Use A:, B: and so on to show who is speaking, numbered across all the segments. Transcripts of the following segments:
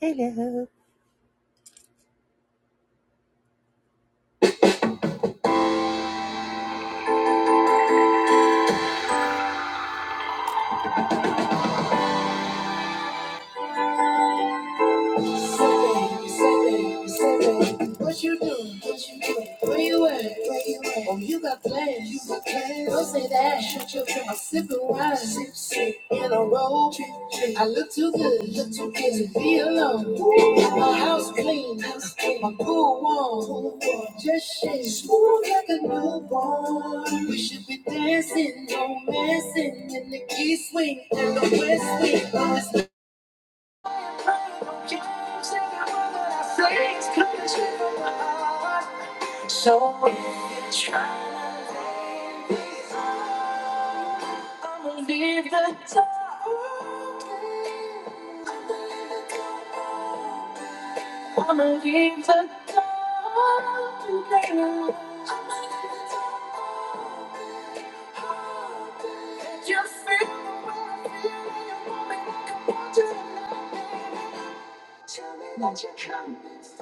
A: Hello. What you doing? What you doing? Where you at? Where you at? Oh, you got plans. You got plans. Don't say that. Shut your mouth. I'm sipping wine. Sip, sip. In a row. I look too good. Look too good to be alone. My house clean. My Pool warm. Just shake. Smooth like a newborn. We should be dancing, romancing in the key swing and the west wing. So if you're trying to leave me alone, I'ma leave the door open. I'ma leave the door open. If you feel the way I feel, and you want me, come on, do it now. Tell me that you're coming.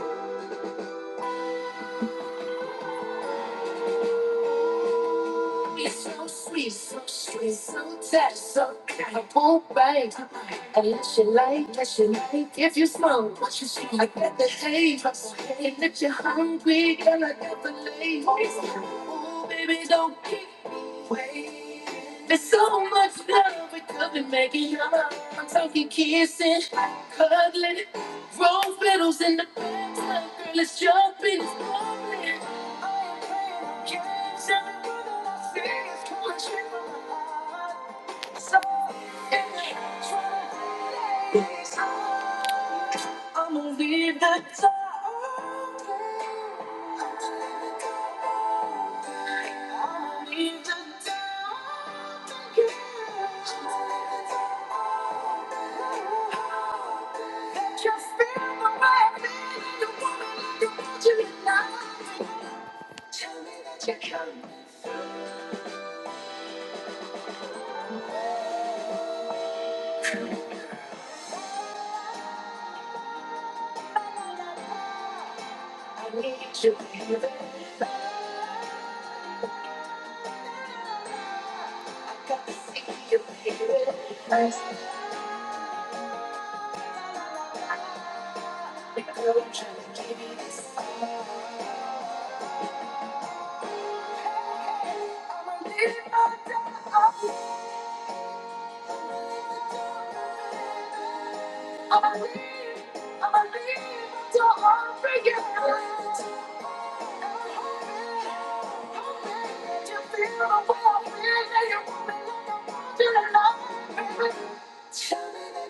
A: so sweet, so sweet, so tight, so kind of boom, bang. Unless you like, unless you like, if you smoke, what you smoke, I bet the taste. And if you're hungry, girl, I got the lace. Oh, baby, don't keep me there's so much love we could be making up. I'm talking kissing, cuddling, rose petals in the bathtub. Girl, it's jumping, it's bubbling. I am playing games. Every word that I say is going straight from my heart. So, yeah, try to hide it. I'm gonna leave the top. I'm gonna leave the top. That you feel the way I feel. You want me like you want you to know. Tell me that you're coming through. I need you, baby. I got to see you, baby. I'm trying to give you this. Tell me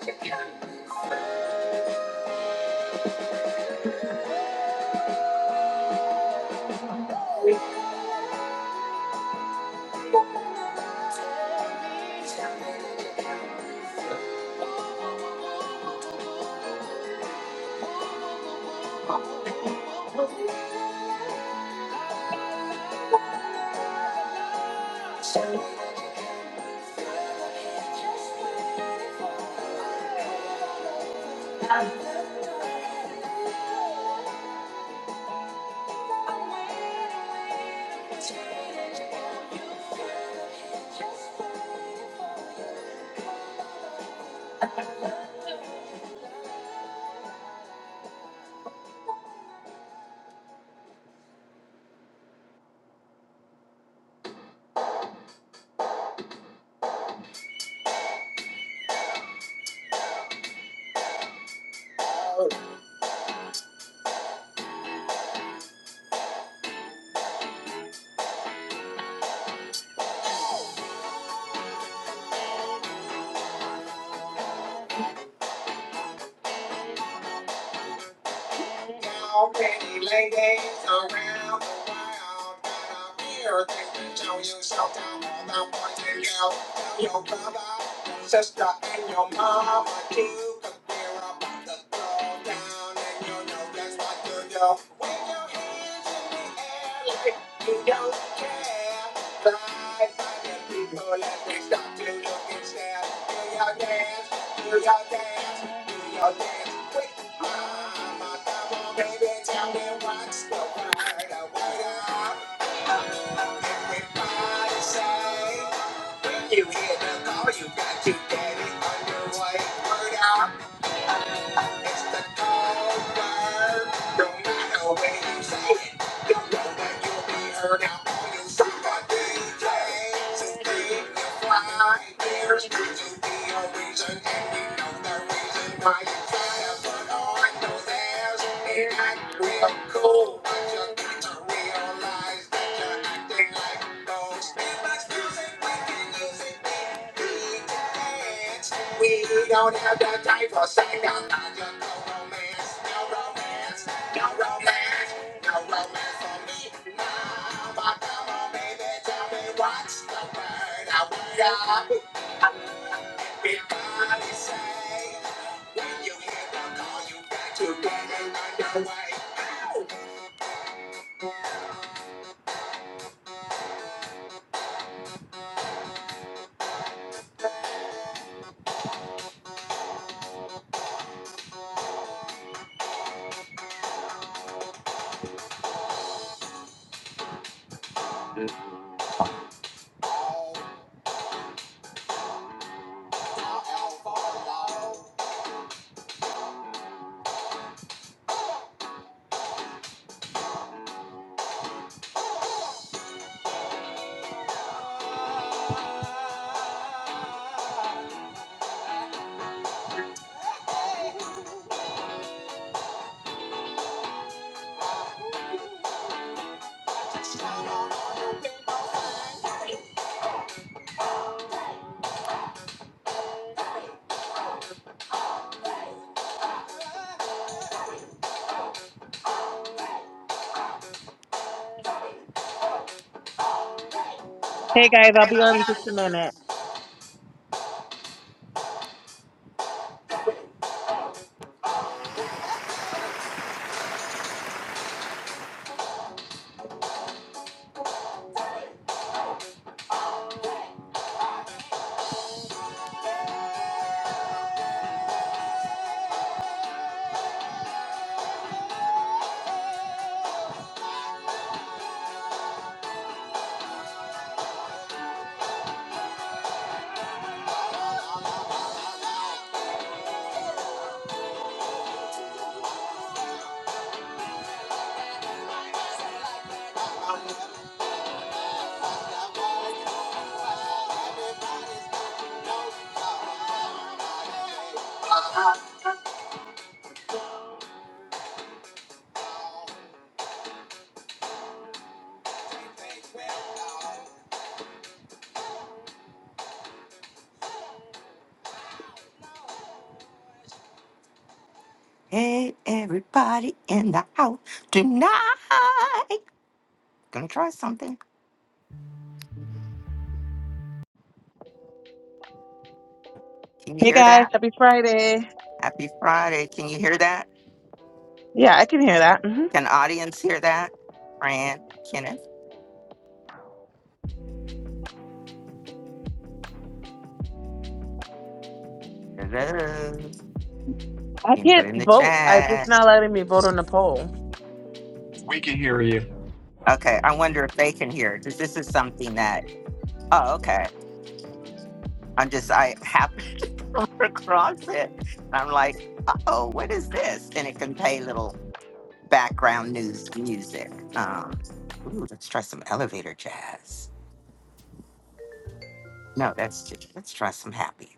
A: that you. can. Just waiting for you. now, pretty ladies around the world. Got a mirror that can show you something more than what you know. Tell your brother, your sister, and your mama too. Cause we're about to go down, and you know that's what you do. Wave your hands in the air like you don't care. Fly by the people, let me stop to look and stare Do your dance. We gon' dance, we gon' dance with mama. Come on, baby, tell me what's the word. A word up, everybody say. When you hear the call, you got to get it underway. Word up. It's the cold word. do matter when you say You know that you'll be heard out on your summer DJs. Just keep your flying beers. Could you be a reason? And we know the reason why you try to put It ain't real cool, but you got to realize that you're acting like we don't have the time for second No romance, no romance, no romance, no romance for me. No, but come on, baby, tell me what's the word. I word up. Big body say, when you hear the call, you got to get it right away. Ow! Oh, oh, oh, oh, oh.
B: Hey guys, I'll
A: Hey,
B: be
A: the
B: on in just a minute.
A: Hey, everybody in the house tonight. Gonna try something. Can you
B: Hey
A: hear
B: guys,
A: that?
B: happy Friday.
A: Happy Friday. Can you hear that?
B: Yeah, I can hear that. hmm
A: Can audience hear that? Fran, Kenneth, hello. You
B: I
A: can put
B: can't
A: in the
B: vote. I, it's
A: chat.
B: not letting me vote on the poll.
C: We can hear you.
A: Okay, I wonder if they can hear because this is something that. Oh, okay. I'm just I happened to come across it. And I'm like, oh, what is this? And it can play little background news music. Um, ooh, let's try some elevator jazz. No, that's just, let's try some happy.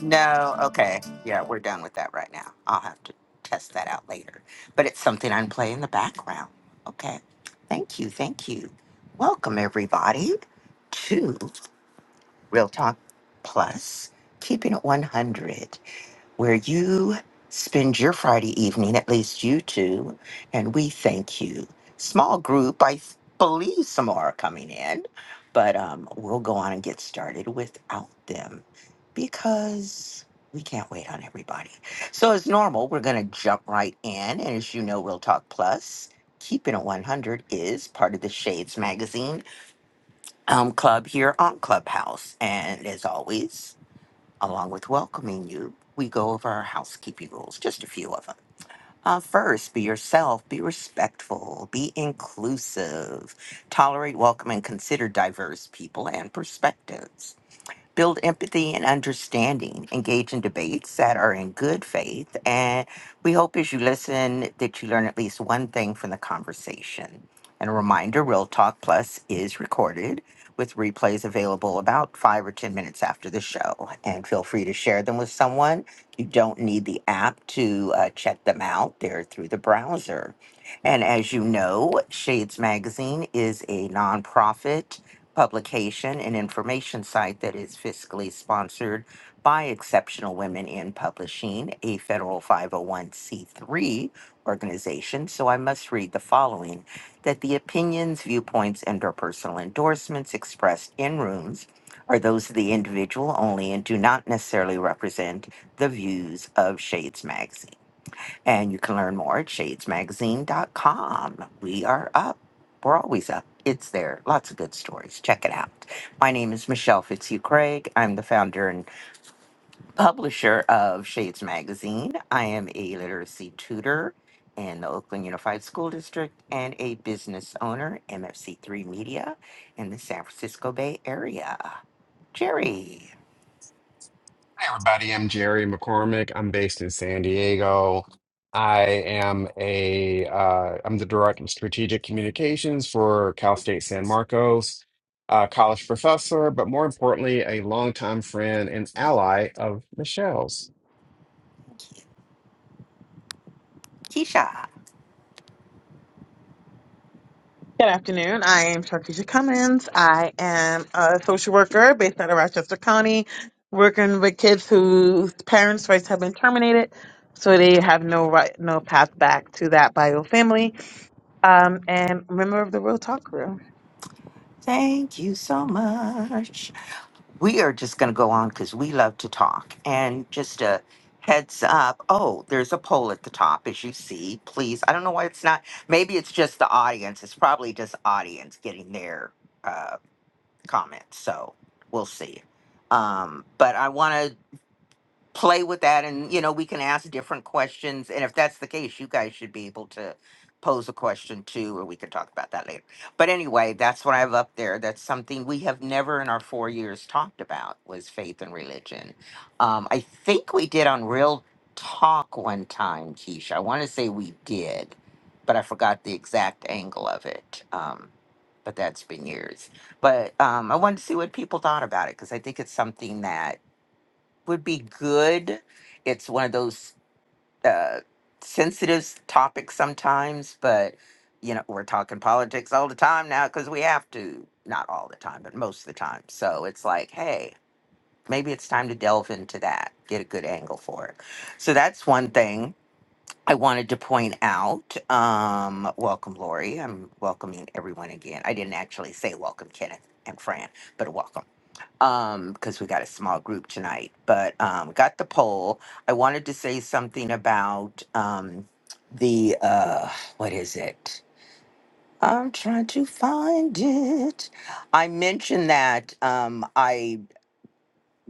A: No, okay, yeah, we're done with that right now. I'll have to test that out later. But it's something I can play in the background. Okay, thank you, thank you. Welcome everybody to. Real Talk Plus, Keeping It 100, where you spend your Friday evening, at least you two, and we thank you. Small group, I th- believe some more are coming in, but um, we'll go on and get started without them because we can't wait on everybody. So, as normal, we're going to jump right in. And as you know, Real Talk Plus, Keeping It 100 is part of the Shades Magazine um, club here on Clubhouse. And as always, along with welcoming you, we go over our housekeeping rules, just a few of them. Uh, first, be yourself, be respectful, be inclusive, tolerate, welcome, and consider diverse people and perspectives build empathy and understanding, engage in debates that are in good faith. And we hope as you listen that you learn at least one thing from the conversation. And a reminder Real Talk Plus is recorded with replays available about five or 10 minutes after the show. And feel free to share them with someone. You don't need the app to uh, check them out, they're through the browser. And as you know, Shades Magazine is a nonprofit publication and information site that is fiscally sponsored by Exceptional Women in Publishing, a federal 501c3 organization. So I must read the following that the opinions, viewpoints, and or personal endorsements expressed in rooms are those of the individual only and do not necessarily represent the views of Shades Magazine. And you can learn more at shadesmagazine.com. We are up. We're always up. It's there. Lots of good stories. Check it out. My name is Michelle Fitzhugh Craig. I'm the founder and publisher of Shades Magazine. I am a literacy tutor in the Oakland Unified School District and a business owner, MFC3 Media, in the San Francisco Bay Area. Jerry,
C: Hi, everybody. I'm Jerry McCormick. I'm based in San Diego. I am a uh, I'm the director of strategic communications for Cal State San Marcos, a college professor, but more importantly, a longtime friend and ally of Michelle's.
A: Keisha,
B: Good afternoon. I am Sharkeisha Cummins. I am a social worker based out of Rochester County, working with kids whose parents' rights have been terminated, so they have no right, no path back to that bio family. Um, and a member of the Real Talk Crew.
A: thank you so much. we are just going to go on because we love to talk. And just a heads up oh, there's a poll at the top, as you see. Please, I don't know why it's not. Maybe it's just the audience. It's probably just audience getting their uh, comments. So we'll see. Um, but I want to play with that and you know we can ask different questions and if that's the case you guys should be able to pose a question too or we can talk about that later but anyway that's what i have up there that's something we have never in our four years talked about was faith and religion um, i think we did on real talk one time keisha i want to say we did but i forgot the exact angle of it um, but that's been years but um, i wanted to see what people thought about it because i think it's something that would be good. It's one of those uh, sensitive s- topics sometimes, but you know we're talking politics all the time now because we have to. Not all the time, but most of the time. So it's like, hey, maybe it's time to delve into that, get a good angle for it. So that's one thing I wanted to point out. Um, welcome, Lori. I'm welcoming everyone again. I didn't actually say welcome, Kenneth and Fran, but welcome um because we got a small group tonight but um got the poll i wanted to say something about um the uh what is it i'm trying to find it i mentioned that um i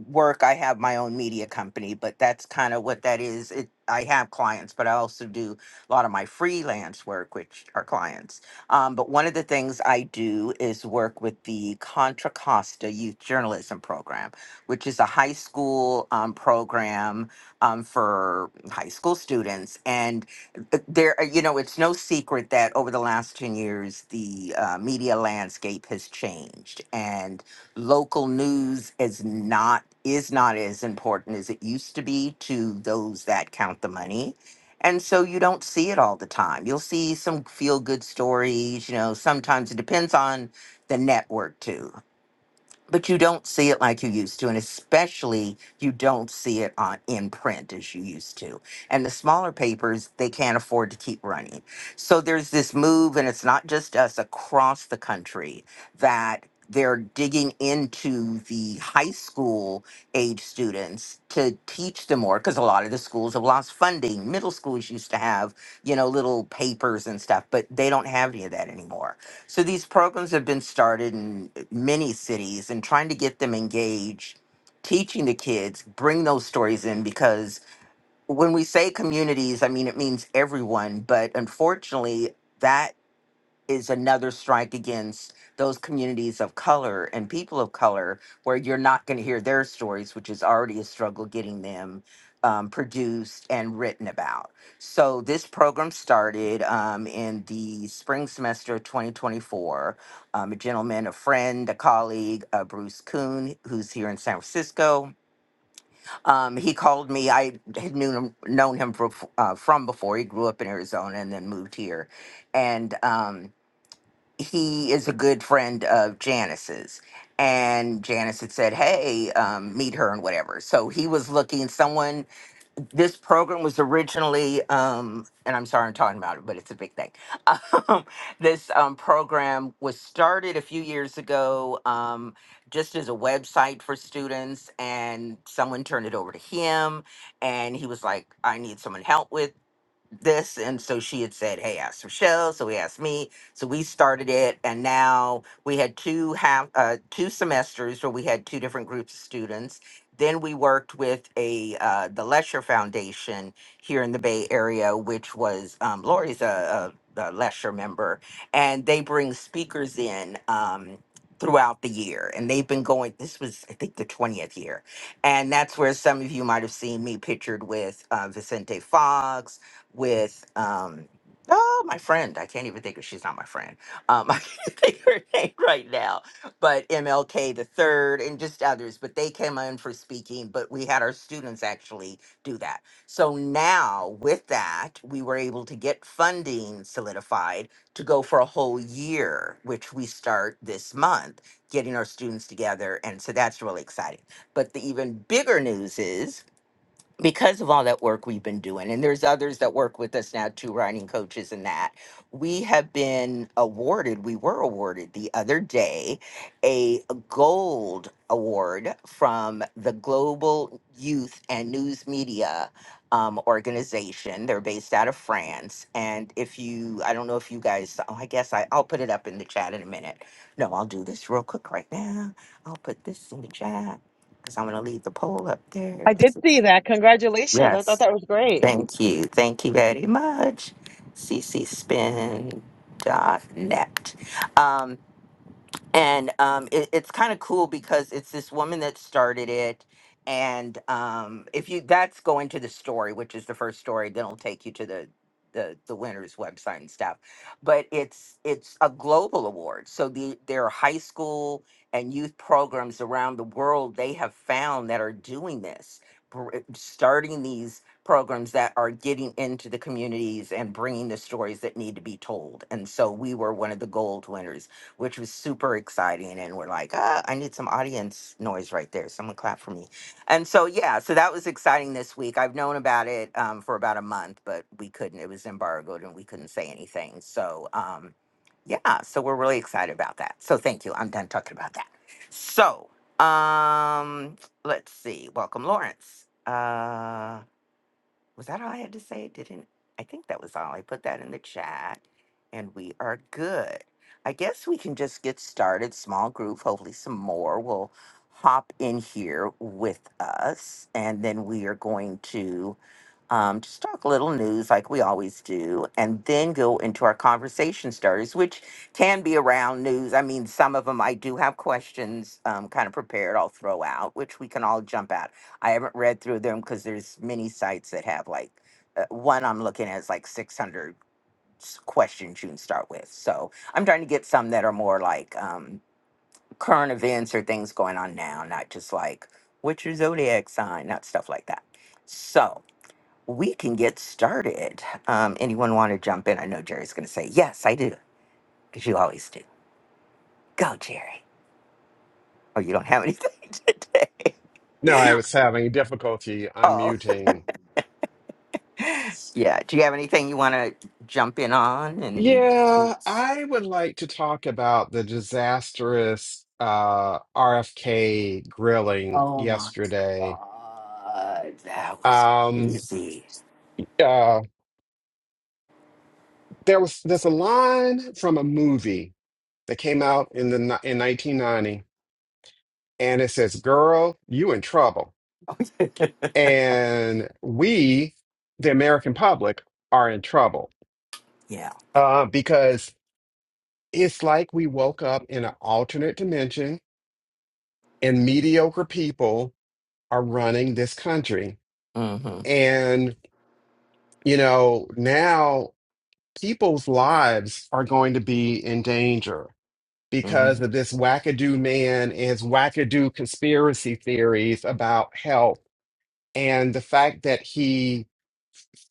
A: work i have my own media company but that's kind of what that is it i have clients but i also do a lot of my freelance work which are clients um, but one of the things i do is work with the contra costa youth journalism program which is a high school um, program um, for high school students and uh, there you know it's no secret that over the last 10 years the uh, media landscape has changed and local news is not is not as important as it used to be to those that count the money. And so you don't see it all the time. You'll see some feel good stories, you know, sometimes it depends on the network too but you don't see it like you used to and especially you don't see it on in print as you used to and the smaller papers they can't afford to keep running so there's this move and it's not just us across the country that they're digging into the high school age students to teach them more because a lot of the schools have lost funding middle schools used to have you know little papers and stuff but they don't have any of that anymore so these programs have been started in uh, many cities and trying to get them engaged, teaching the kids, bring those stories in because when we say communities, I mean it means everyone, but unfortunately that is another strike against those communities of color and people of color where you're not going to hear their stories, which is already a struggle getting them um, produced and written about. So, this program started um, in the spring semester of 2024. Um, a gentleman, a friend, a colleague, uh, Bruce Kuhn, who's here in San Francisco, um, he called me. I had known him, known him for, uh, from before. He grew up in Arizona and then moved here. And um, he is a good friend of Janice's. And Janice had said, Hey, um, meet her and whatever. So he was looking, someone, this program was originally, um, and I'm sorry I'm talking about it, but it's a big thing. Um, this um, program was started a few years ago um, just as a website for students. And someone turned it over to him. And he was like, I need someone help with this and so she had said hey ask rochelle so he asked me so we started it and now we had two half uh, two semesters where we had two different groups of students then we worked with a uh, the lesher foundation here in the bay area which was um, lori's a, a, a lesher member and they bring speakers in um, throughout the year and they've been going this was i think the 20th year and that's where some of you might have seen me pictured with uh, vicente fox with um oh my friend i can't even think of she's not my friend um i can't think of her name right now but mlk the third and just others but they came in for speaking but we had our students actually do that so now with that we were able to get funding solidified to go for a whole year which we start this month getting our students together and so that's really exciting but the even bigger news is because of all that work we've been doing, and there's others that work with us now too, writing coaches and that, we have been awarded, we were awarded the other day a gold award from the Global Youth and News Media um, organization. They're based out of France. And if you, I don't know if you guys, oh, I guess I, I'll put it up in the chat in a minute. No, I'll do this real quick right now. I'll put this in the chat because I'm going to leave the poll up there.
B: I did see that. Congratulations. I thought
A: Yes.
B: that was great.
A: Thank you. Thank you very much. c c spin dot net. Um, and um, it, it's kind of cool because it's this woman that started it and um, if you that's going to the story which is the first story then it'll take you to the the, the winners website and stuff but it's it's a global award so the there are high school and youth programs around the world they have found that are doing this br- eh, starting these programs that are getting into the communities and bringing the stories that need to be told and so we were one of the gold winners which was super exciting. And we're like, ah, I need some audience noise right there. Someone clap for me. And so, yeah, so that was exciting this week. I've known about it um, for about a month, but we couldn't, it was embargoed and we couldn't say anything. So, um, yeah, so we're really excited about that. So, thank you. I'm done talking about that. So, um, let's see. Welcome, Lawrence. Uh, was that all I had to say? Didn't I think that was all. I put that in the chat and we are good. I guess we can just get started. Small group. Hopefully some more will hop in here with us. And then we are going to um, just talk a little news like we always do, and then go into our conversation starters, which can be around news. I mean, some of them I do have questions um, kind of prepared, I'll throw out, which we can all jump at I haven't read through them because there's many sites that have like uh, one I'm looking at is like 600 s- questions you can start with. So I'm trying to get some that are more like um, current events or things going on now, not just like what's your zodiac sign, not stuff like that. So we can get started. Um, anyone want to jump in? I know Jerry's going to say yes, I do, because you always do. Go, Jerry. Oh, you don't have anything today.
C: No, I was having difficulty
A: Oh.
C: unmuting.
A: Yeah. Do you have anything you want to jump in on? And
C: Yeah, I would like to talk about the disastrous uh, RFK grilling
A: oh my
C: yesterday.
A: god, that was
C: Um,
A: crazy.
C: Uh, there was there's a line from a movie that came out in the ni- in 1990, and it says, "Girl, you in trouble," and we, the American public, are in trouble
A: yeah.
C: uh, because it's like we woke up in an alternate dimension, and mediocre people are running this country,
A: Mm-hmm.
C: and you know now people's lives are going to be in danger
A: hmm
C: because of this wackadoo man and his wackadoo conspiracy theories about health and the fact that he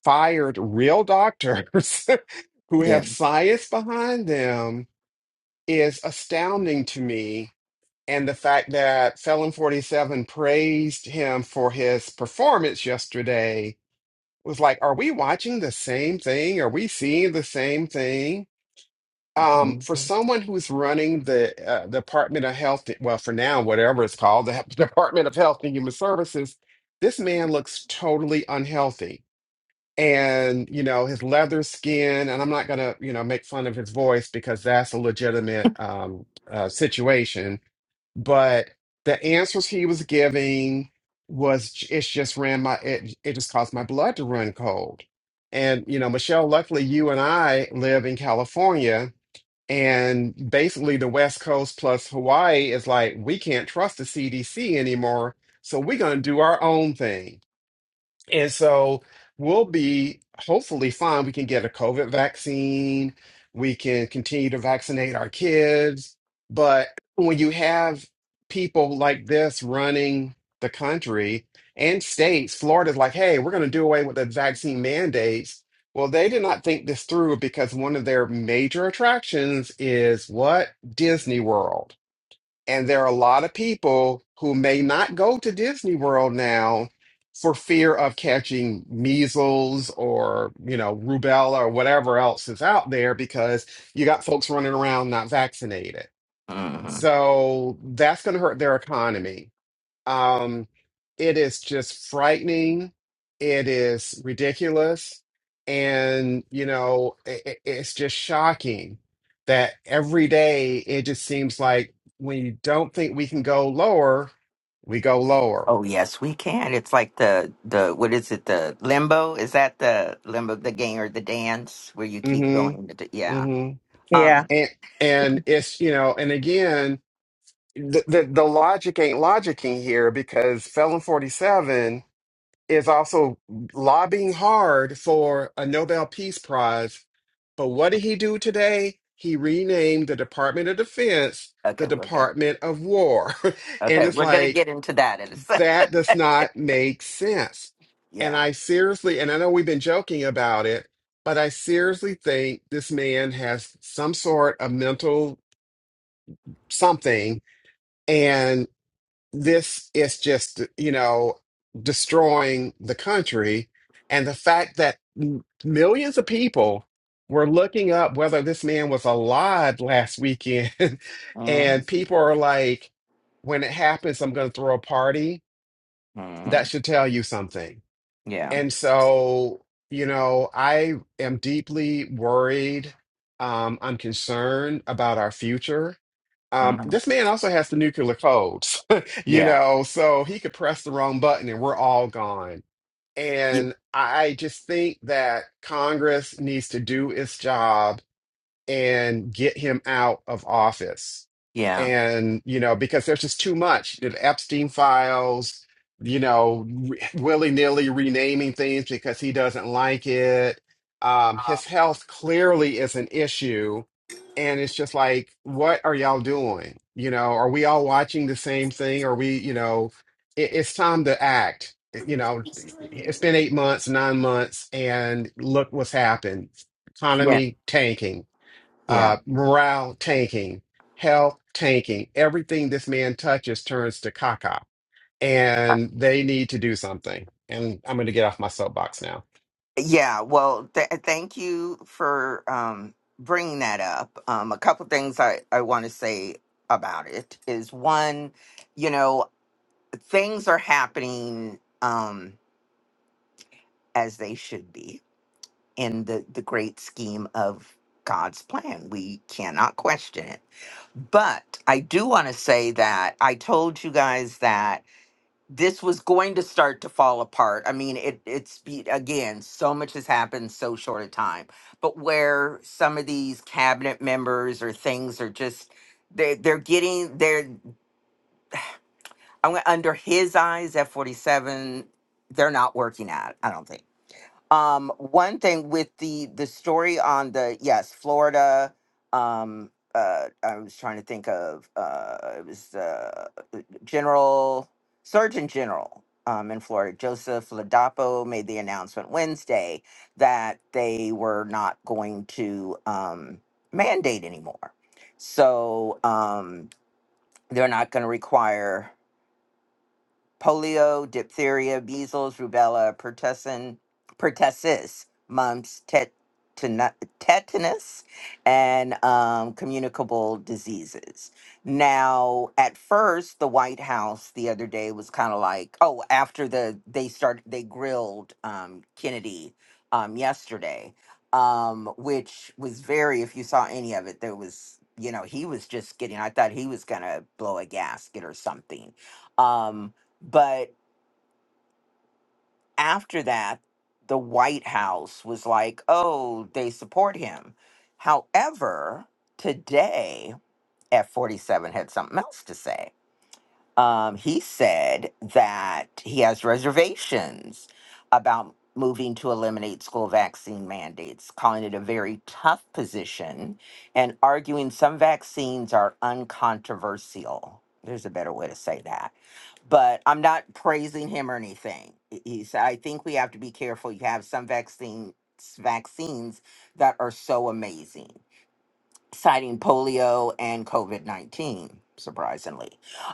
C: fired real doctors who
A: Yeah.
C: have science behind them is astounding to me. And the fact that Felon 47 praised him for his performance yesterday was like, are we watching the same thing? Are we seeing the same thing? Um,
A: hmm
C: for someone who's running the uh, Department of Health, well, for now, whatever it's called, the Department of Health and Human Services, this man looks totally unhealthy. And, you know, his leather skin, and I'm not going to, you know, make fun of his voice because that's a legitimate um, uh, situation. But the answers he was giving was, j- it's just ran my, it, it just caused my blood to run cold. And, you know, Michelle, luckily you and I live in California and basically, the West Coast plus Hawaii is like, we can't trust the CDC anymore, so we're going to do our own thing. And so we'll be hopefully fine. We can get a COVID vaccine. We can continue to vaccinate our kids. But when you have people like this running the country and states, Florida's like, hey, we're going to do away with the vaccine mandates. Well, they did not think this through because one of their major attractions is what? Disney World. And there are a lot of people who may not go to Disney World now for fear of catching measles or, you know, rubella or whatever else is out there because you got folks running around not vaccinated. So that's going to hurt their economy. Um, it is just frightening. It is ridiculous. And, you know, it, it's just shocking that every day it just seems like when you don't think we can go lower, we go lower.
A: Oh yes, we can. It's like the the what is it? The limbo? Is that the limbo? The game or the dance where you keep
C: hmm
A: going? To the, yeah.
C: hmm
A: Um.
B: Yeah,
C: And, and it's, you know, and again, the, the, the logic ain't logicking here because Felon 47 is also lobbying hard for a Nobel Peace Prize. But what did he do today? He renamed the Department of Defense the
A: Okay, we're gonna.
C: Department of War.
A: Okay,
C: and it's
A: we're gonna
C: like,
A: get into that in a sec.
C: that does not make sense. And
A: Yeah.
C: I seriously, and I know we've been joking about it, but I seriously think this man has some sort of mental something. and this is just you know destroying the country and the fact that m- millions of people were looking up whether this man was alive last weekend
A: Mm-hmm.
C: and people are like when it happens i'm going to throw a party that should tell you something
A: Yeah.
C: and so you know i am deeply worried um, i'm concerned about our future um,
A: hmm
C: this man also has the nuclear codes, you
A: Yeah.
C: know, so he could press the wrong button and we're all gone. And I just think that Congress needs to do its job and get him out of office.
A: Yeah.
C: And, you know, because there's just too much. The Epstein files, you know, re- willy-nilly renaming things because he doesn't like it. Um, his health clearly is an issue. And it's just like, what are y'all doing? You know, are we all watching the same thing? Are we, you know, it, it's time to act. You know, it's been eight months, nine months, and look what's happened.
A: Yeah.
C: Economy tanking
A: Yeah.
C: uh, morale tanking, health tanking. Everything this man touches turns to caca, and they need to do something. And I'm going to get off my soapbox now.
A: Yeah. Well, th- thank you for um, bringing that up. Um, a couple things I, I want to say about it is one, you know, things are happening um, as they should be in the, the great scheme of God's plan. We cannot question it. But I do want to say that I told you guys that this was going to start to fall apart. I mean, it it's be- again, so much has happened so short a time. But where some of these cabinet members or things are just they they're getting they're I'm gonna- under his eyes F forty seven. They're not working at. I don't think. Um, one thing with the the story on the yes Florida. Um, uh, I was trying to think of uh, it was uh, General Surgeon General um, in Florida, Joseph Ladapo, made the announcement Wednesday that they were not going to um, mandate anymore. So um, they're not going to require polio, diphtheria, measles, rubella, pertussin, pertussis, mumps, tet, tetanus, and um, communicable diseases. Now, at first, the White House the other day was kind of like, oh, after the they started, they grilled um, Kennedy um, yesterday, um, which was very, if you saw any of it, there was, you know, he was just getting, I thought he was going to blow a gasket or something. Um, but after that, the White House was like, oh, they support him. However, today, F 47 had something else to say um, he said that he has reservations about moving to eliminate school vaccine mandates, calling it a very tough position and arguing some vaccines are uncontroversial. There's a better way to say that. But I'm not praising him or anything. He he said, I think we have to be careful. You have some vaccine, vaccines that are so amazing citing polio and COVID 19, surprisingly.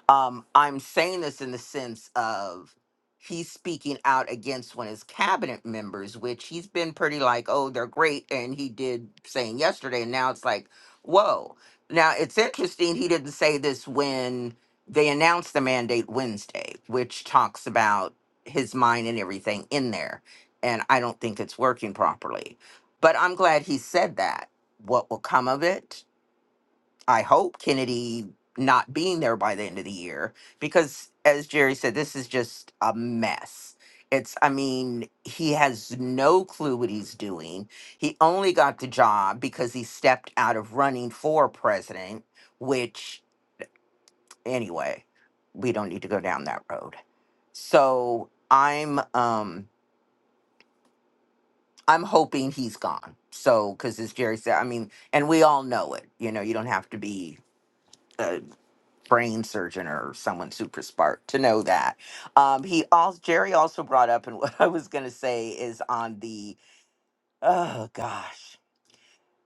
A: Um, I'm saying this in the sense of he's speaking out against one of his cabinet members, which he's been pretty like, oh, they're great. And he did saying yesterday. And now it's like, whoa. Now it's interesting he didn't say this when they announced the mandate Wednesday, which talks about his mind and everything in there. And I don't think it's working properly. But I'm glad he said that what will come of it. I hope Kennedy not being there by the end of the year because as Jerry said this is just a mess. It's I mean, he has no clue what he's doing. He only got the job because he stepped out of running for president, which anyway, we don't need to go down that road. So, I'm um I'm hoping he's gone. So, because as Jerry said, I mean, and we all know it. You know, you don't have to be brain surgeon or someone super smart to know that. Um, he also Jerry also brought up, and what I was gonna say is on the oh gosh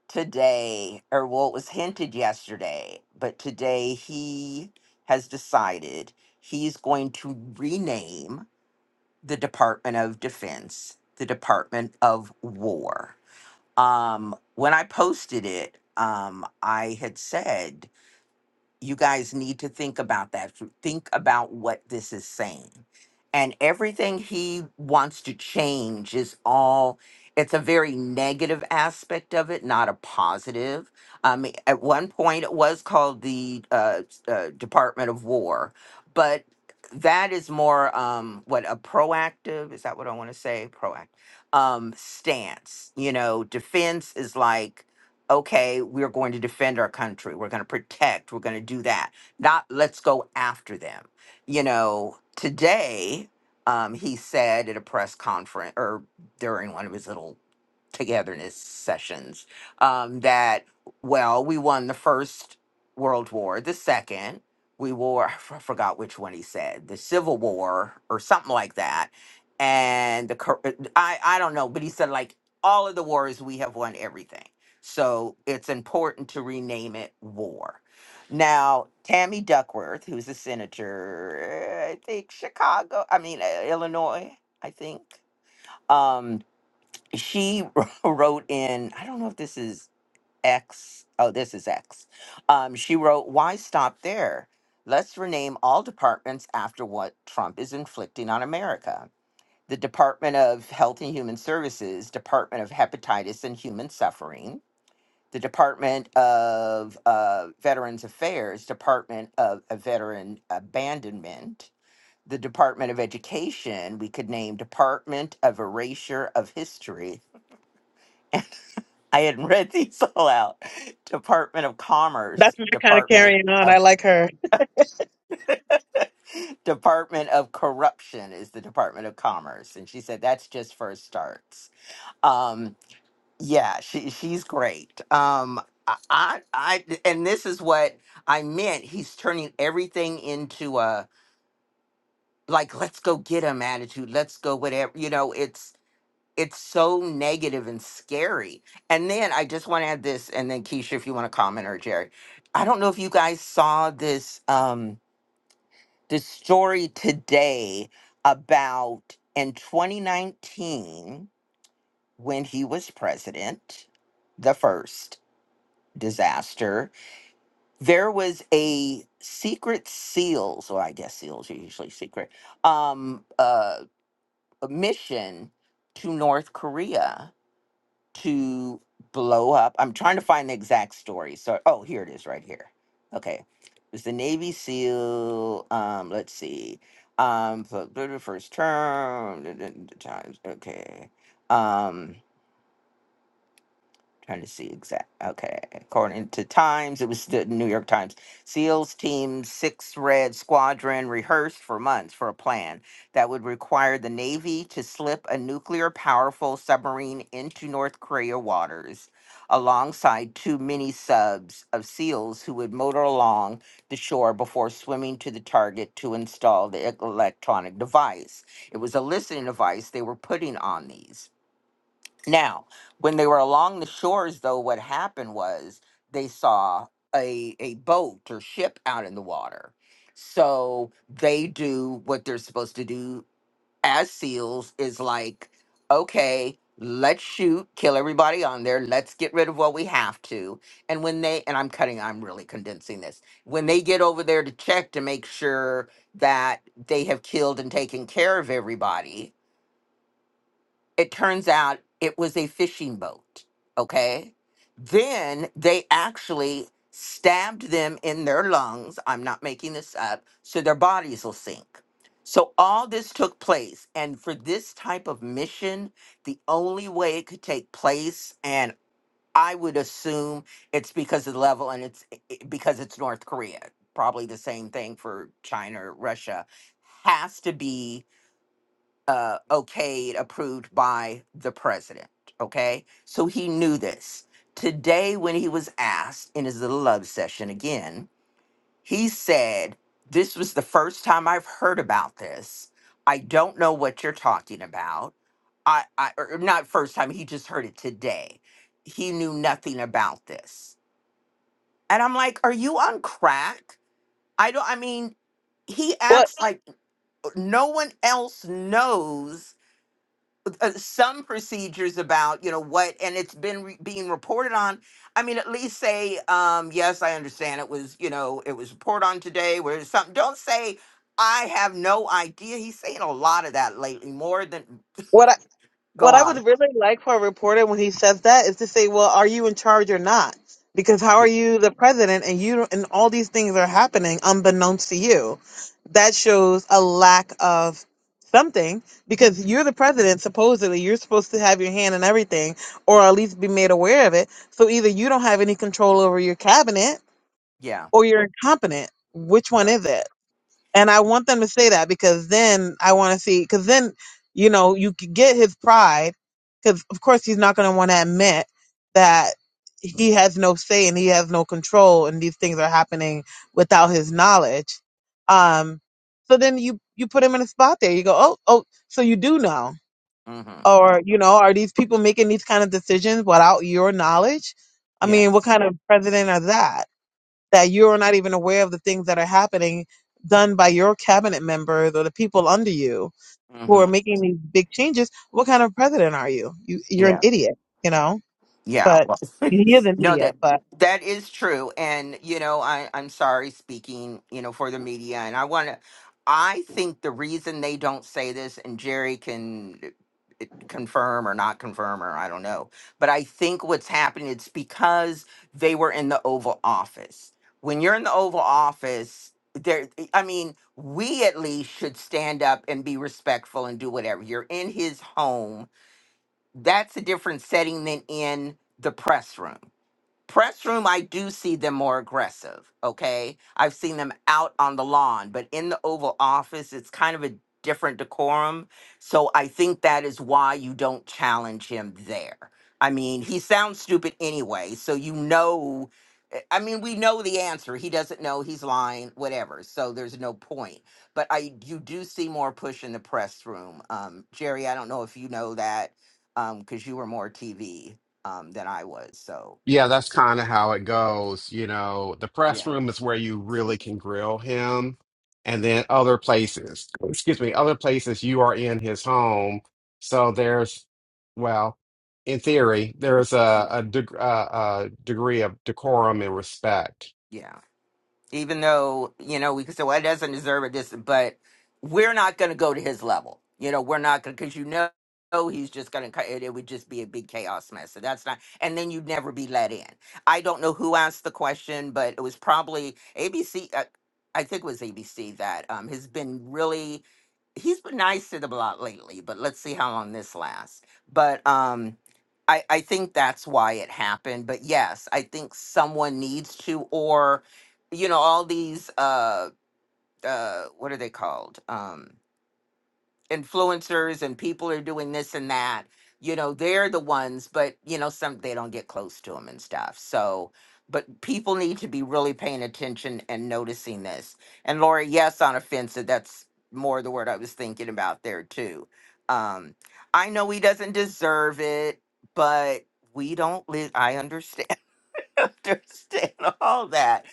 A: today or well it was hinted yesterday, but today he has decided he's going to rename the Department of Defense the Department of War. Um, when I posted it, um, I had said you guys need to think about that. Think about what this is saying. And everything he wants to change is all, it's a very negative aspect of it, not a positive. I mean, at one point it was called the uh, s- uh, Department of War, but that is more um, what a proactive, is that what I want to say? Proactive um, stance. You know, defense is like, okay, we're going to defend our country, we're going to protect, we're going to do that. Not let's go after them. You know, today um, he said at a press conference or during one of his little togetherness sessions um, that well we won the first world war the second we wore i f- forgot which one he said the civil war or something like that and the Kor- uh, i i don't know but he said like all of the wars we have won everything so it's important to rename it war now tammy duckworth who's a senator uh, i think chicago i mean uh, illinois i think um, she wrote in i don't know if this is x oh this is x um, she wrote why stop there let's rename all departments after what trump is inflicting on america the department of health and human services department of hepatitis and human suffering the department of uh, veterans affairs department of uh, veteran abandonment the department of education we could name department of erasure of history I hadn't read these all out. Department of Commerce,
B: that's my kind of
A: Department
B: carrying on.
A: of
B: I like her.
A: Department of Corruption is the Department of Commerce, and she said that's just first starts. Um, yeah, she she's great. Um, I, I I and this is what I meant. He's turning everything into a like let's go get him attitude. Let's go whatever you know. it's so negative and scary. And then I just want to add this, and then Keisha, if you want to comment or Jerry, I don't know if you guys saw this um, this story today about in 2019 when he was president, the first disaster. There was a secret seals, or I guess seals are usually secret, um, uh, a mission to North Korea to blow up. I'm trying to find the exact story. So, oh, here it is right here. Okay. It was the Navy SEAL. Um, let's see. Um, for the first term, the times. Okay. Um, Trying to see exact. Okay, according to Times, it was the New York Times. SEALs Team Six Red Squadron rehearsed for months for a plan that would require the Navy to slip a nuclear powerful submarine into North Korea waters, alongside two mini subs of SEALs who would motor along the shore before swimming to the target to install the electronic device. It was a listening device they were putting on these. Now, when they were along the shores, though, what happened was they saw a, a boat or ship out in the water. So they do what they're supposed to do as SEALs is like, okay, let's shoot, kill everybody on there. Let's get rid of what we have to. And when they, and I'm cutting, I'm really condensing this. When they get over there to check to make sure that they have killed and taken care of everybody, it turns out it was a fishing boat. Okay. Then they actually stabbed them in their lungs. I'm not making this up. So their bodies will sink. So all this took place. And for this type of mission, the only way it could take place, and I would assume it's because of the level and it's i- i- because it's North Korea. Probably the same thing for China or Russia, has to be uh, okayed, approved by the president. Okay. So he knew this. Today, when he was asked in his little love session again, he said, This was the first time I've heard about this. I don't know what you're talking about. I, I or or not first time, he just heard it today. He knew nothing about this. And I'm like, Are you on crack? I don't, I mean, he
B: Well.
A: acts like uh, no one else knows uh, some procedures about you know what and it's been re- being reported on i mean at least say um yes i understand it was you know it was reported on today where it's something don't say i have no idea he's saying a lot of that lately more than
B: What I
A: go
B: what I
A: on
B: would really like for a reporter when he says that is to say, "Well, are you in charge or not?" Because how are
A: yeah
B: you the president and you don't- and all these things are happening unbeknownst to you? That shows a lack of something because you're the president. Supposedly, you're supposed to have your hand in everything, or at least be made aware of it. So either you don't have any control over your cabinet,
A: yeah
B: or you're incompetent. Which one
A: right
B: is it? And I want them to say that because then I want to see, because then, you know, you could get his pride, because of course he's not going to want to admit that he has no say and he has no control and these things are happening without his knowledge. Um, so then you, you put him in a spot there. You go, oh, oh, so you do know.
A: mm-hmm
B: Or, you know, are these people making these kind of decisions without your knowledge? I
A: yeah
B: mean, what kind of president are that? that you're not even aware of the things that are happening done by your cabinet members or the people under you who are
A: mm-hmm
B: making these big changes, what kind of president are you? you you're
A: yeah
B: an idiot, you know?
A: Yeah.
B: But
A: Well,
B: he is an
A: no, that
B: idiot, but
A: that is true. And, you know, I, I'm sorry speaking, you know, for the media. And I want to, I think the reason they don't say this, and Jerry can eh, confirm or not confirm, or I don't know, but I think what's happening, it's because they were in the Oval Office. When you're in the Oval Office, there, I mean, we at least should stand up and be respectful and do whatever. You're in his home that's a different setting than in the press room. Press room, I do see them more aggressive. Okay. I've seen them out on the lawn, but in the Oval Office, it's kind of a different decorum. So I think that is why you don't challenge him there. I mean, he sounds stupid anyway. So you know, I I mean, we know the answer. He doesn't know. He's lying, whatever. So there's no point. But I, you do see more push in the press room. Um, Jerry, I don't know if you know that because you were more TV um, than I was. So,
C: Yeah, that's kind of how it goes. You know, the
A: yeah.
C: press room is where you really can grill him, and then other places, excuse me, other places you are in his home. So there's, well, in
A: Yes.
C: theory, there's a
A: yeah.
C: a, deg- uh a degree of decorum and respect
A: Yeah. even though you know we could say well he doesn't deserve it this but we're not going to go to his level you know we're not going to because you know he's just going to it, it would just be a big chaos mess so that's not and then you'd never be let in i don't know who asked the question but it was probably abc uh, i think it was abc that um has been really he's been nice to the block lately but let's see how long this lasts but um I, I think that's why it happened. But yes, I think someone needs to, or you know all these uh uh what are they called um influencers and people are doing this and that you know they're the ones but you know some they don't get close to them and stuff so but people need to be really paying attention and noticing this and laura yes on offensive that's more the word i was thinking about there too um i know he doesn't deserve it but we don't live i understand understand all that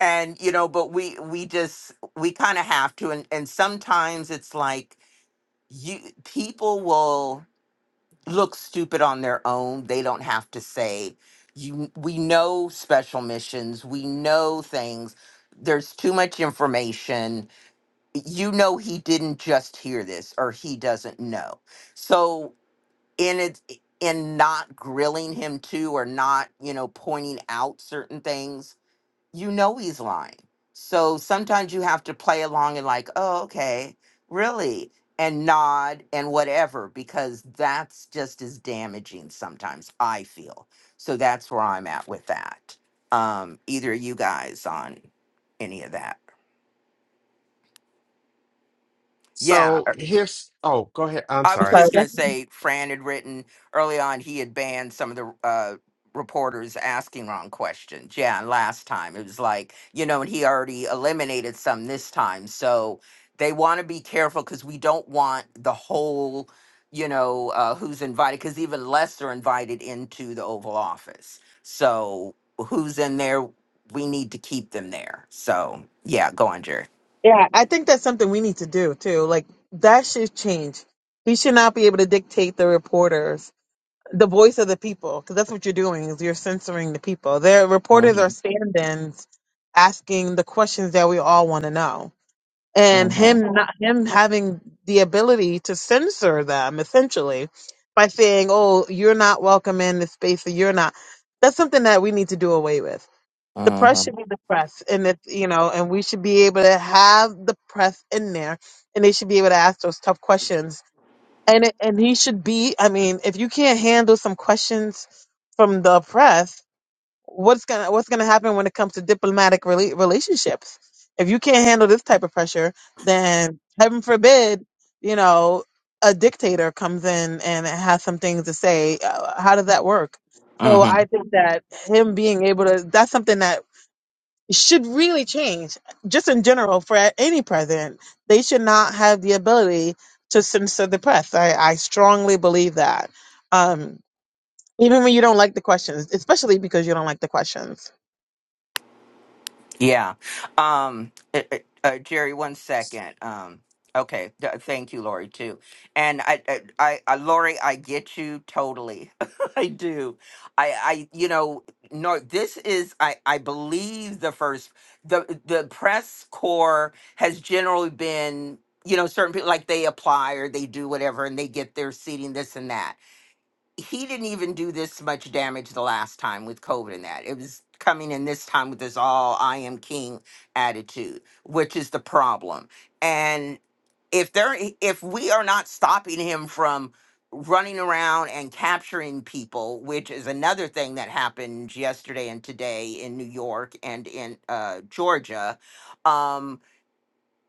A: and you know but we we just we kind of have to and and sometimes it's like you people will look stupid on their own they don't have to say you we know special missions we know things there's too much information you know he didn't just hear this or he doesn't know so in it in not grilling him too or not you know pointing out certain things you know he's lying. So sometimes you have to play along and like, oh, okay, really, and nod and whatever, because that's just as damaging sometimes, I feel. So that's where I'm at with that. Um, either of you guys on any of that. Yeah.
C: So here's, oh, go ahead. I'm
A: I
B: I'm
A: was
C: sorry.
B: sorry.
A: just going to
B: that's-
A: say, Fran had written early on, he had banned some of the uh, reporters asking wrong questions. Yeah, and last time it was like, you know, and he already eliminated some this time. So they want to be careful because we don't want the whole, you know, uh, who's invited, because even less are invited into the Oval Office. So who's in there? We need to keep them there. So yeah, go on, Jerry.
B: Yeah, I think that's something we need to do too. Like that should change. We should not be able to dictate the reporters, the voice of the people, because that's what you're doing is you're censoring the people. Their reporters
A: Mm-hmm,
B: are stand-ins asking the questions that we all want to know and
A: mm-hmm,
B: him not him having the ability to censor them essentially by saying oh you're not welcome in this space or you're not that's something that we need to do away with the press should be the press and if you know and we should be able to have the press in there and they should be able to ask those tough questions and it, and he should be i mean if you can't handle some questions from the press what's gonna what's gonna happen when it comes to diplomatic rela- relationships? If you can't handle this type of pressure, then heaven forbid, you know, a dictator comes in and has some things to say. Uh, how does that work? So
A: mm-hmm,
B: I think that him being able to that's something that should really change just in general for a- any president. They should not have the ability to censor the press. I, I strongly believe that. Um, even when you don't like the questions, especially because you don't like the questions
A: Yeah. Um, uh, uh, uh, Jerry, one second. Um, okay. Th- thank you, Lori, too. And I, I, I, I- Lori, I get you totally. I do. I, I, you know, no, this is, I, I believe the first, the, the press corps has generally been, you know, certain people like they apply or they do whatever and they get their seating, this and that he didn't even do this much damage the last time with COVID and that. It was coming in this time with this all I am king attitude, which is the problem. And if there if we are not stopping him from running around and capturing people, which is another thing that happened yesterday and today in New York and in uh Georgia, um,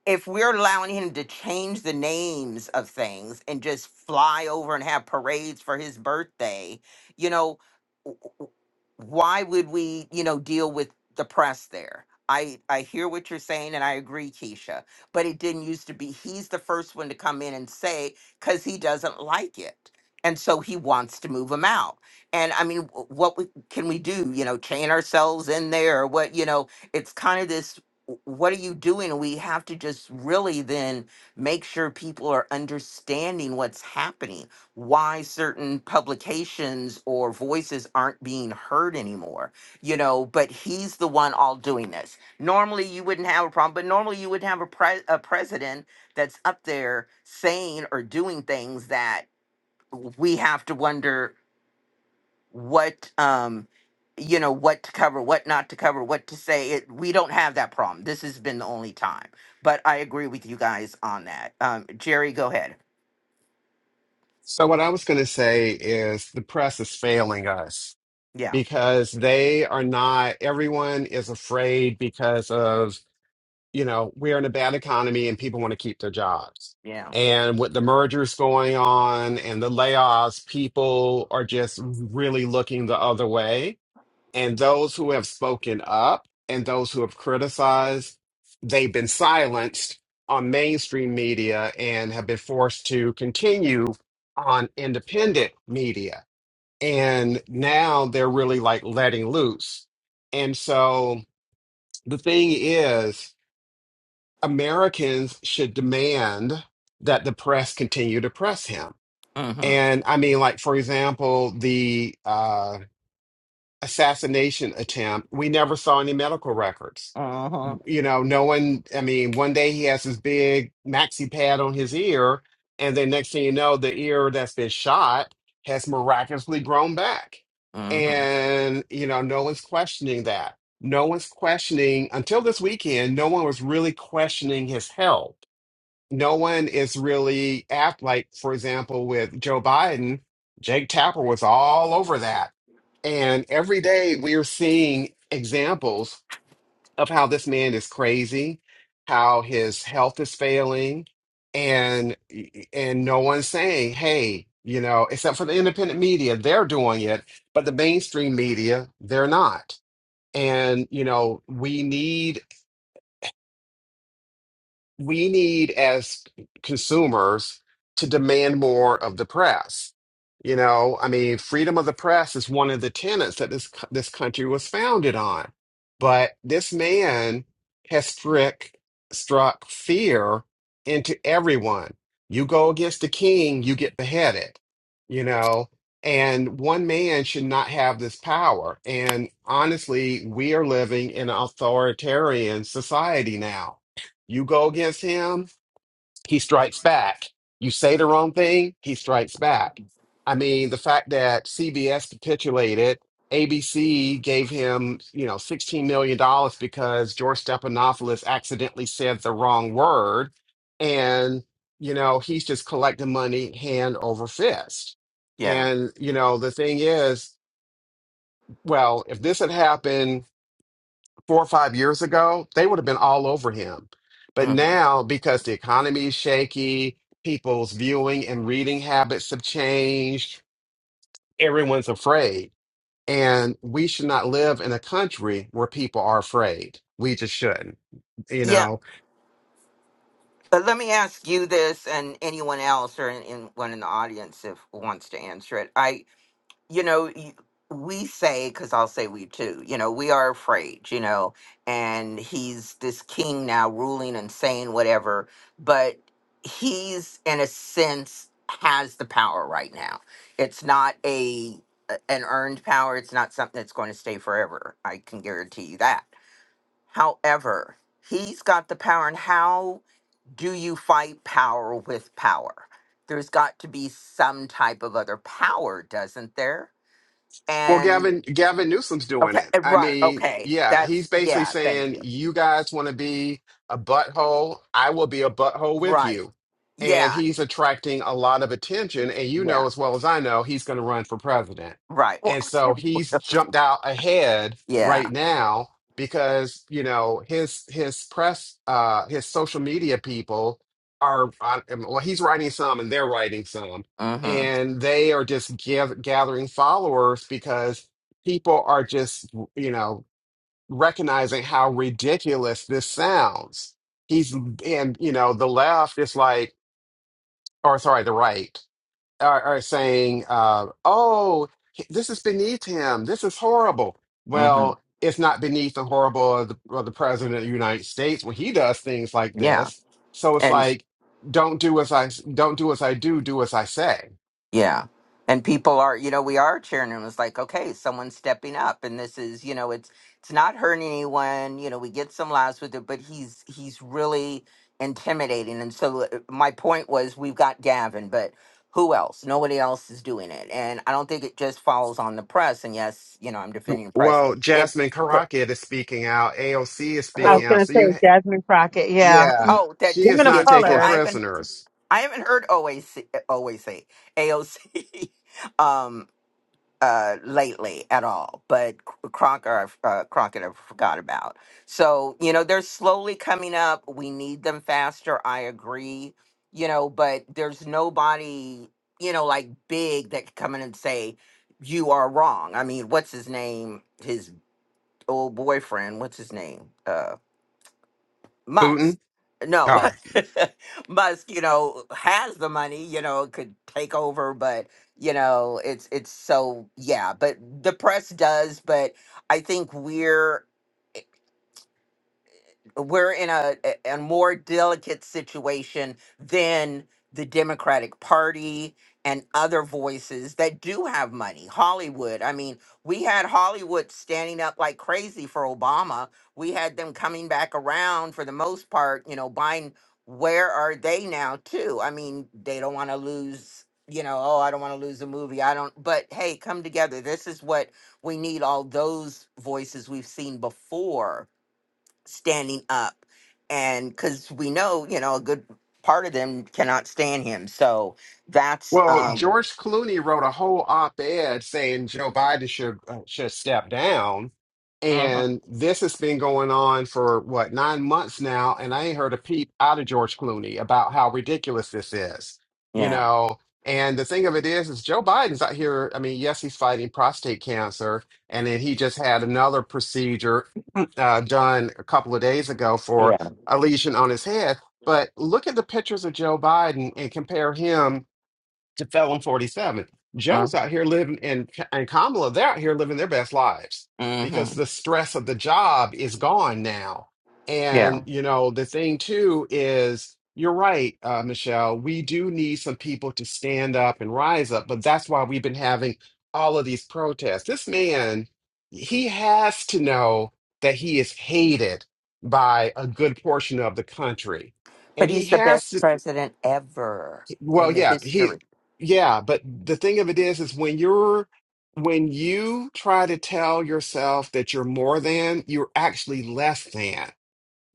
A: if we're allowing him to change the names of things and just fly over and have parades for his birthday, you know, w- w- why would we, you know, deal with the press there? I, I hear what you're saying and I agree, Keisha, but it didn't used to be. He's the first one to come in and say, because he doesn't like it. And so he wants to move him out. And I mean, w- what we, can we do? You know, chain ourselves in there or what? You know, it's kind of this what are you doing? We have to just really then make sure people are understanding what's happening, why certain publications or voices aren't being heard anymore, you know. But he's the one all doing this. Normally, you wouldn't have a problem, but normally, you would have a, pre- a president that's up there saying or doing things that we have to wonder what um you know what to cover what not to cover what to say it we don't have that problem this has been the only time but i agree with you guys on that um jerry go ahead
C: So what I was going to say is the press is failing us
A: yeah
C: because they are not, everyone is afraid because of, you know, we're in a bad economy and people want to keep their jobs.
A: yeah
C: And with the mergers going on and the layoffs, people are just really looking the other way. and those who have spoken up and those who have criticized, they've been silenced on mainstream media and have been forced to continue on independent media. And now they're really like letting loose. And so the thing is, Americans should demand that the press continue to press him.
A: mm-hmm
C: And I mean, like, for example, the uh, assassination attempt. We never saw any medical records.
A: mm-hmm
C: You know, no one, I mean, one day he has his big maxi pad on his ear, and then next thing you know, the ear that's been shot has miraculously grown back.
A: mm-hmm
C: And, you know, no one's questioning that. No one's questioning, until this weekend, no one was really questioning his health no one is really act like for example with joe biden jake tapper was all over that and every day we are seeing examples of how this man is crazy how his health is failing and and no one's saying hey you know except for the independent media they're doing it but the mainstream media they're not and you know we need we need as consumers to demand more of the press. You know, I mean, freedom of the press is one of the tenets that this co- this country was founded on. But this man has struck struck fear into everyone. You go against the king, you get beheaded. You know, and one man should not have this power. And honestly, we are living in an authoritarian society now you go against him, he strikes back. You say the wrong thing, he strikes back. I mean, the fact that CBS capitulated, ABC gave him, you know, $16 million dollars because George Stephanopoulos accidentally said the wrong word. And, you know, he's just collecting money hand over fist.
A: yeah
C: And, you know, the thing is, well, if this had happened four or five years ago, they would have been all over him. But
A: hmm
C: now, because the economy is shaky, people's viewing and reading habits have changed, everyone's afraid. And we should not live in a country where people are afraid. We just shouldn't, you
A: yeah
C: know?
A: but let me ask you this and anyone else or anyone in the audience if wants to answer it i you know y- we say because i'll say we too you know we are afraid you know and he's this king now ruling and saying whatever but he's in a sense has the power right now it's not a a- an earned power it's not something that's going to stay forever i can guarantee you that however he's got the power and how do you fight power with power there's got to be some type of other power doesn't there
C: Well,
A: and
C: Gavin, Gavin Newsom's doing
A: okay
C: it.
A: eh,
C: I
A: right
C: mean,
A: okay
C: yeah, he's
A: that's
C: basically
A: yeah thank
C: saying,
A: you
C: you guys want to be a butthole, I will be a butthole with
A: right
C: you. And
A: yeah
C: he's attracting a lot of attention. And you
A: yeah
C: know, as well as I know, he's going to run for president.
A: right well
C: And
A: I'll tell
C: so
A: you what
C: he's jumped out ahead
A: yeah
C: right now because, you know, his his press, uh, his social media people are, on, well, he's writing some and they're writing some
A: mm-hmm
C: and they are just gath- gathering followers because people are just you know recognizing how ridiculous this sounds he's and you know the left is like or sorry the right are, are saying uh, oh this is beneath him this is horrible
A: mm-hmm
C: well it's not beneath the horrible of the, of the president of the united states when he does things like
A: yeah
C: this so it's like don't do as i don't do as i do do as i say
A: Yeah. And people are, you know, we are cheering them. It's like, okay, someone's stepping up and this is, you know, it's it's not hurting anyone. You know, we get some laughs with it, but he's he's really intimidating. And so uh, my point was we've got Gavin, but who else? Nobody else is doing it. And I don't think it just falls on the press. And yes, you know, I'm defending the press.
C: Well,
A: It
C: Jasmine
A: pr-
C: Karakia is speaking out. AOC is
B: I was
C: speaking
A: who?
C: out.
B: gonna
C: So
B: say
C: you,
B: Jasmine Crockett. Yeah,
C: yeah,
B: Mm,
A: Oh,
C: she
A: that
C: is
B: women
A: she
B: of
C: not
A: is too.
C: taking
A: I
B: color.
A: haven't
C: prisoners.
A: I haven't heard OAC, OAC, AOC. Um, uh, lately at all, but C- Crocker, i uh, Crockett, I forgot about. So you know, they're slowly coming up. We need them faster. I agree. You know, but there's nobody you know like big that could come in and say you are wrong. I mean, what's his name? His old boyfriend. What's his name? Uh, Musk,
C: Putin.
A: no,
C: Oh.
A: Musk, you know, has the money, you know, could take over, but you know, it's it's so yeah. But the press does, but I think we're we're in a, a a more delicate situation than the Democratic Party and other voices that do have money. Hollywood. I mean, we had Hollywood standing up like crazy for Obama. We had them coming back around for the most part, you know, buying where are they now too? I mean, they don't want to lose, you know, oh, I don't want to lose a movie. I don't but hey, come together. This is what we need all those voices we've seen before standing up and because we know you know a good part of them cannot stand him so that's
C: Well,
A: um
C: George Clooney wrote a whole op-ed saying Joe Biden should uh, should step down,
A: Mhm.
C: and this has been going on for what nine months now, and I ain't heard a peep out of George Clooney about how ridiculous this is, you
A: yeah
C: know. And the thing of it is, is Joe Biden's out here. I mean, yes, he's fighting prostate cancer, and then he just had another procedure uh, done a couple of days ago for
A: yeah
C: a lesion on his head. But look at the pictures of Joe Biden and compare him to Felon 47. Joe's out here living, and, and Kamala, they're out here living their best lives because
A: mm-hmm.
C: the stress of the job is gone now.
A: yeah
C: And, you know, the thing too is, you're right, uh, Michelle, we do need some people to stand up and rise up, but that's why we've been having all of these protests. This man, he has to know that he is hated by a good portion of the country.
A: but
C: And he
A: he's the
C: has
A: best
C: to
A: president ever
C: well,
A: in the
C: yeah, he,
A: history
C: yeah, but the thing of it is, is when you're, when you try to tell yourself that you're more than, you're actually less than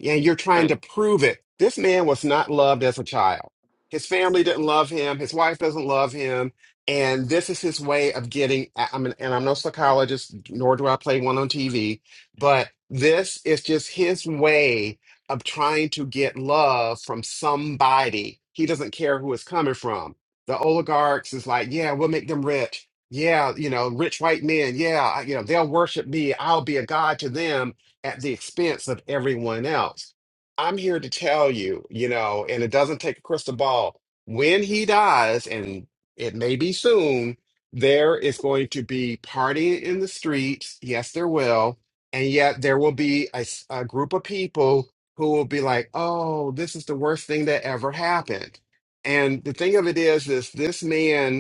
C: and you're trying
A: Right.
C: to prove it. This man was not loved as a child. His family didn't love him. His wife doesn't love him. And this is his way of getting. I- I'm an, and I'm no psychologist, nor do I play one on TV, but this is just his way of trying to get love from somebody. He doesn't care who it's coming from. The oligarchs is like, yeah, we'll make them rich. Yeah, you know, rich white men. Yeah, I- you know, they'll worship me. I'll be a god to them at the expense of everyone else. I'm here to tell you, you know, and it doesn't take a crystal ball. When he dies, and it may be soon, there is going to be partying in the streets. Yes, there will. And yet there will be a, s- a group of people who will be like, oh, this is the worst thing that ever happened. And the thing of it is, is this man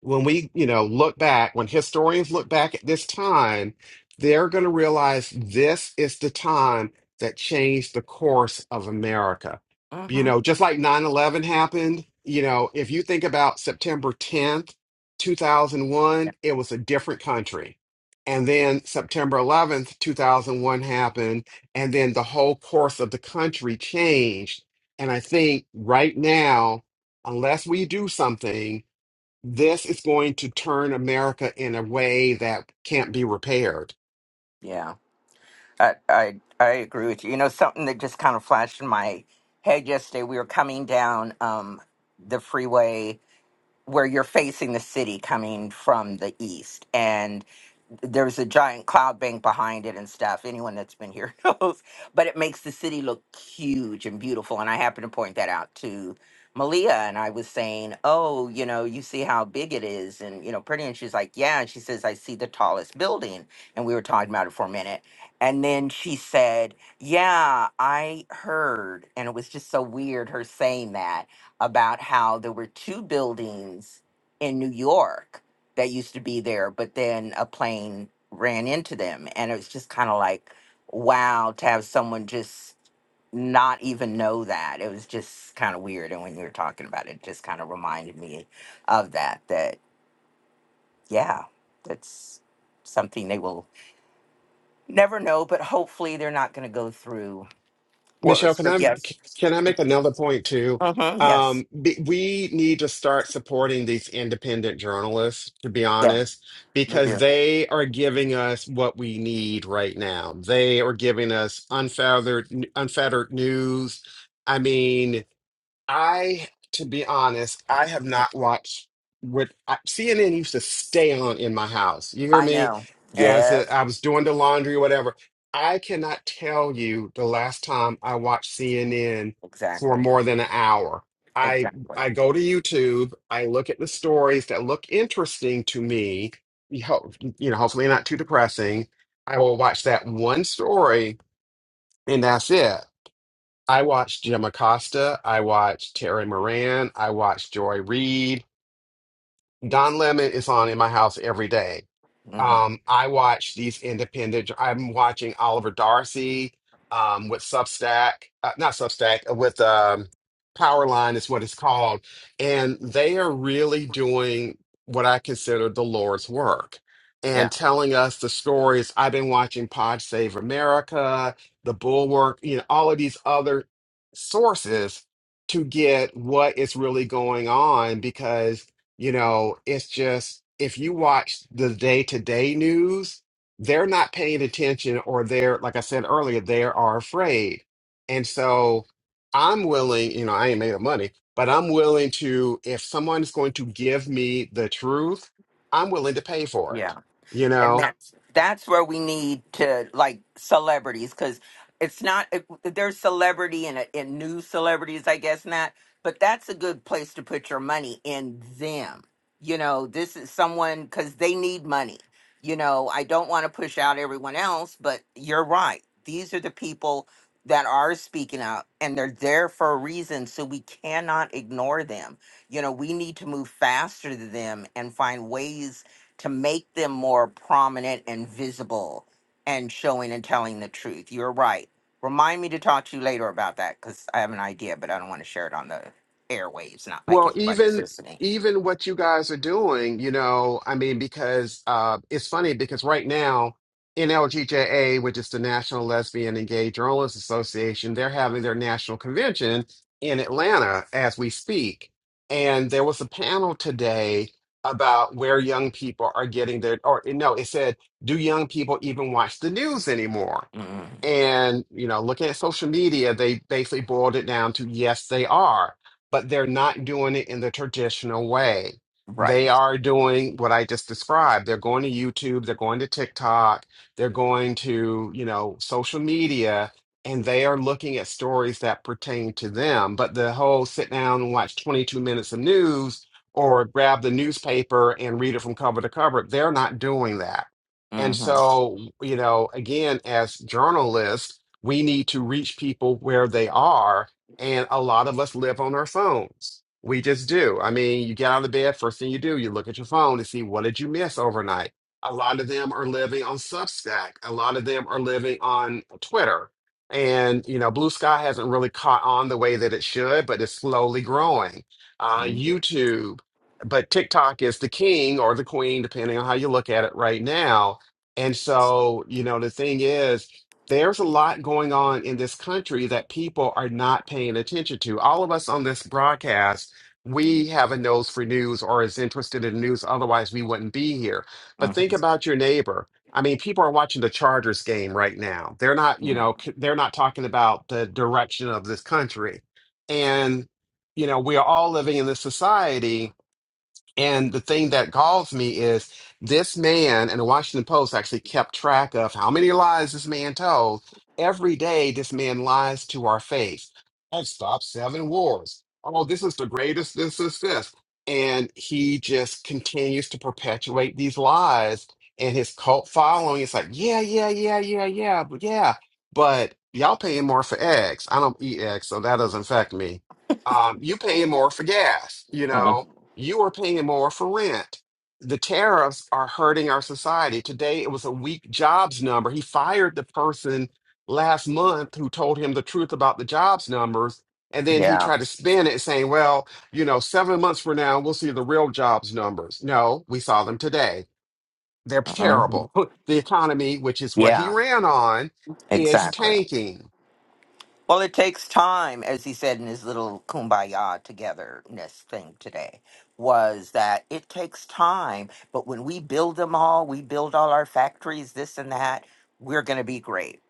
C: when we, you know, look back, when historians look back at this time, they're going to realize this is the time that changed the course of America. You
A: hmm
C: know, just like nine eleven happened, you know, if you think about September 10th, 2001, it was a different country. And then September 11th, 2001 happened, and then the whole course of the country changed. And I think right now, unless we do something, this is going to turn America in a way that can't be repaired.
A: yeah I, I I agree with you. You know, something that just kind of flashed in my head yesterday. We were coming down um, the freeway where you're facing the city coming from the east and there's a giant cloud bank behind it and stuff anyone that's been here knows but it makes the city look huge and beautiful and i happened to point that out to malia and i was saying oh you know you see how big it is and you know pretty and she's like yeah and she says i see the tallest building and we were talking about it for a minute and then she said yeah i heard and it was just so weird her saying that about how there were two buildings in New York that used to be there, but then a plane ran into them. And it was just kind of like, wow, to have someone just not even know that. It was just kind of weird. And when you were talking about it, it just kind of reminded me of that, that, yeah, that's something they will never know, but hopefully they're not going to go through worse.
C: Michelle, can
A: So,
C: I
A: Yes.
C: can I make another point too?
A: Mm-hmm. Yes.
C: Um, be- we need to start supporting these independent journalists, to be
A: Yeah,
C: honest,
A: we
C: because
A: do.
C: they are giving us what we need right now. They are giving us unfettered unfettered news. I mean, I, to be honest, I have not watched what I, CNN used to stay on in my house. You hear
A: I
C: me?
A: know.
C: As
A: Yes,
C: it, I was doing the laundry or whatever. I cannot tell you the last time I watched CNN
A: exactly.
C: for more than an hour. I
A: Exactly.
C: I go to YouTube. I look at the stories that look interesting to me. You ho- you know, hopefully not too depressing. I will watch that one story, and that's it. I watched Jim Acosta. I watched Terry Moran. I watched Joy Reid. Don Lemon is on in my house every day.
A: hmm
C: Um, I watch these independent. I'm watching Oliver Darcy um, with Substack, uh, not Substack, uh, with um, Powerline is what it's called, and they are really doing what I consider the Lord's work
A: Yeah.
C: and telling us the stories. I've been watching Pod Save America, The Bulwark, you know, all of these other sources to get what is really going on because. You know, it's just if you watch the day-to-day news, they're not paying attention, or they're, like I said earlier, they are afraid. And so I'm willing, you know, I ain't made of money, but I'm willing to, if someone is going to give me the truth, I'm willing to pay for
A: Yeah.
C: it, you
A: and
C: know?
A: that's that's where we need to like celebrities because it's not it, there's celebrity and, and new celebrities i guess not but that's a good place to put your money in them you know this is someone because they need money you know i don't want to push out everyone else but you're right these are the people that are speaking out and they're there for a reason so we cannot ignore them you know we need to move faster than them and find ways to make them more prominent and visible and showing and telling the truth. You're right. Remind me to talk to you later about that because I have an idea, but I don't want to share it on the airwaves, not like
C: Well,
A: everybody's
C: even
A: listening.
C: even what you guys are doing, you know, I mean, because uh, it's funny because right now NLGJA, which is the National Lesbian and Gay Journalists Association, they're having their national convention in Atlanta as we speak, and there was a panel today about where young people are getting their, or no, it said, do young people even watch the news anymore?
A: Mm,
C: And, you know, looking at social media, they basically boiled it down to yes, they are, but they're not doing it in the traditional way.
A: right.
C: They are doing what I just described. They're going to YouTube, they're going to TikTok, they're going to, you know, social media, and they are looking at stories that pertain to them. But the whole sit down and watch 22 minutes of news or grab the newspaper and read it from cover to cover, they're not doing that. And
A: Mm-hmm.
C: so, you know, again, as journalists, we need to reach people where they are. And a lot of us live on our phones. We just do. I mean, you get out of bed, first thing you do, you look at your phone to see what did you miss overnight. A lot of them are living on Substack. A lot of them are living on Twitter. And, you know, Blue Sky hasn't really caught on the way that it should, but it's slowly growing. Uh,
A: Mm-hmm.
C: YouTube, but TikTok is the king or the queen, depending on how you look at it right now and so, you know, the thing is, there's a lot going on in this country that people are not paying attention to. All of us on this broadcast, we have a nose for news or is interested in news. Otherwise, we wouldn't be here. But
A: Mm-hmm.
C: think about your neighbor. I mean, people are watching the Chargers game right now. They're not, you know,
A: Mm-hmm.
C: c- they're not talking about the direction of this country. And, you know, we are all living in this society and the thing that galls me is this man, and the Washington Post actually kept track of how many lies this man told. Every day, this man lies to our face. I've stopped seven wars. Oh, this is the greatest. This is this. And he just continues to perpetuate these lies. And his cult following is like, yeah, yeah, yeah, yeah, yeah, but yeah. But y'all paying more for eggs. I don't eat eggs, so that doesn't affect me. Um, you paying more for gas, you know
A: Mm-hmm.
C: you are paying more for rent. The tariffs are hurting our society. Today, it was a weak jobs number. He fired the person last month who told him the truth about the jobs numbers. And then he
A: Yeah.
C: tried to spin it saying, well, you know, seven months from now, we'll see the real jobs numbers. No, we saw them today. They're
A: hmm
C: terrible. The economy, which is what he
A: Yeah,
C: ran on, is
A: exactly.
C: tanking.
A: Well, it takes time, as he said in his little kumbaya togetherness thing today, was that it takes time. But when we build them all, we build all our factories, this and that, we're going to be great.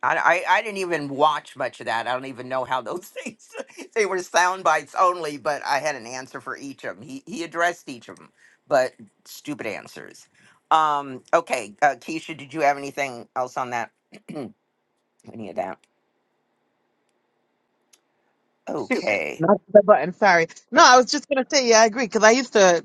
A: I, I, I didn't even watch much of that. I don't even know how those things, they were sound bites only, but I had an answer for each of them. He, he addressed each of them, but stupid answers. Um, okay, uh, Keisha, did you have anything else on that? Any of that?
B: Shoot,
A: Okay.
B: not the button. Sorry. No, I was just gonna say. Yeah, I agree because I used to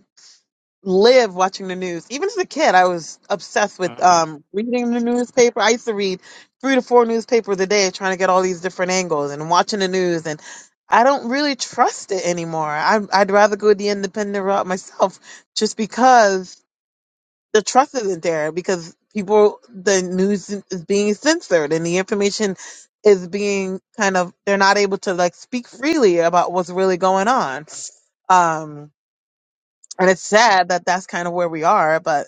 B: live watching the news. Even as a kid, I was obsessed with um reading the newspaper. I used to read three to four newspapers a day, trying to get all these different angles and watching the news. And I don't really trust it anymore. I, I'd rather go the independent route myself, just because. the trust isn't there because people the news is being censored and the information is being kind of they're not able to like speak freely about what's really going on um and it's sad that that's kind of where we are but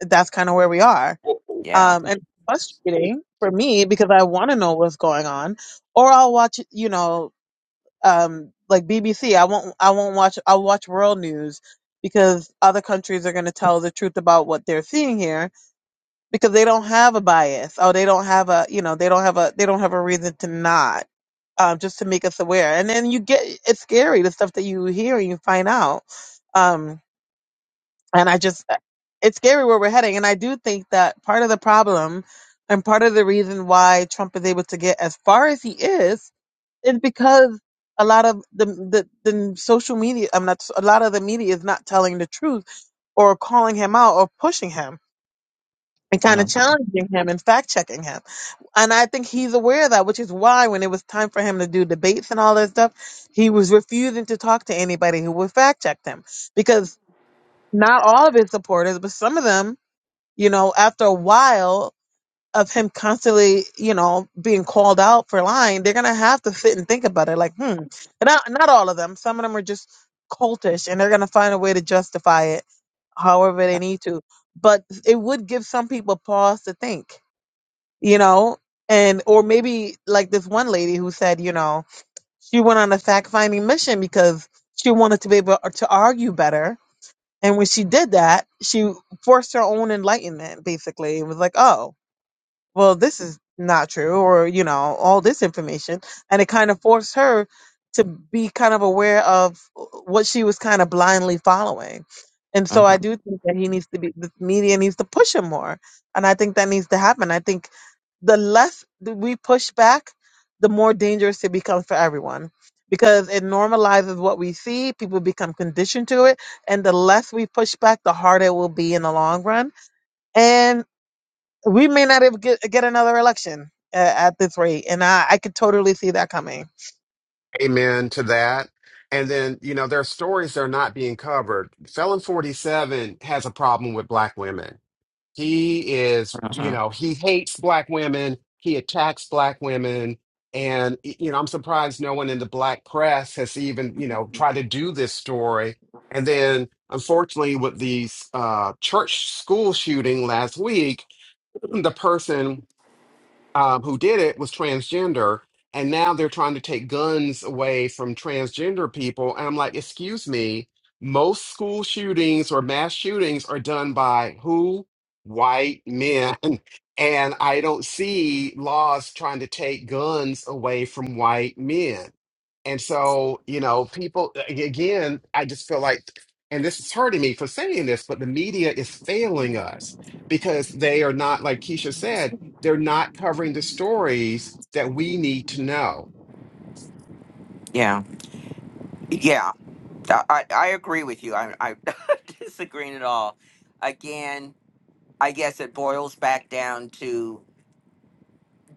B: that's kind of where we are
A: Yeah.
B: um and it's frustrating for me because i want to know what's going on or i'll watch you know um like bbc i won't i won't watch i'll watch world news because other countries are going to tell the truth about what they're seeing here because they don't have a bias oh, they don't have a you know they don't have a they don't have a reason to not um, just to make us aware and then you get it's scary the stuff that you hear and you find out um, and i just it's scary where we're heading and i do think that part of the problem and part of the reason why trump is able to get as far as he is is because a lot of the the, the social media i'm not a lot of the media is not telling the truth or calling him out or pushing him and kind of
A: Mhm,
B: challenging him and fact checking him. And I think he's aware of that, which is why when it was time for him to do debates and all that stuff, he was refusing to talk to anybody who would fact check him because not all of his supporters, but some of them, you know, after a while of him constantly, you know, being called out for lying, they're going to have to sit and think about it like, hmm, And not, not all of them. Some of them are just cultish and they're going to find a way to justify it however they need to. But it would give some people pause to think you know, and or maybe like this one lady who said, you know, she went on a fact finding mission because she wanted to be able to argue better. And when she did that, she forced her own enlightenment, basically. It was like, oh, well, this is not true, or, you know, all this information. And it kind of forced her to be kind of aware of what she was kind of blindly following. And so I
A: mhm,
B: do think that he needs to be, the media needs to push him more. And I think that needs to happen. I think the less that we push back, the more dangerous it becomes for everyone because it normalizes what we see. People become conditioned to it. And the less we push back, the harder it will be in the long run we may not ever get, get another election uh, at this rate, and I, I could totally see that coming.
C: Amen to that. And then, you know, there are stories that are not being covered. Felon 47 has a problem with black women. He is, you
A: mhm.
C: know, he hates black women, he attacks black women. And, y- you know, I'm surprised no one in the black press has even, you know, tried to do this story. And then, unfortunately, with the uh, church school shooting last week, the person um, who did it was transgender, and now they're trying to take guns away from transgender people. And I'm like, excuse me, most school shootings or mass shootings are done by who? White men. And I don't see laws trying to take guns away from white men. And so, you know, people, a- again, I just feel like, and this is hurting me for saying this, but the media is failing us because they are not, like Keisha said, they're not covering the stories that we need to know.
A: Yeah. Yeah. I, I I agree with you. I, I'm not disagreeing at all. Again, I guess it boils back down to.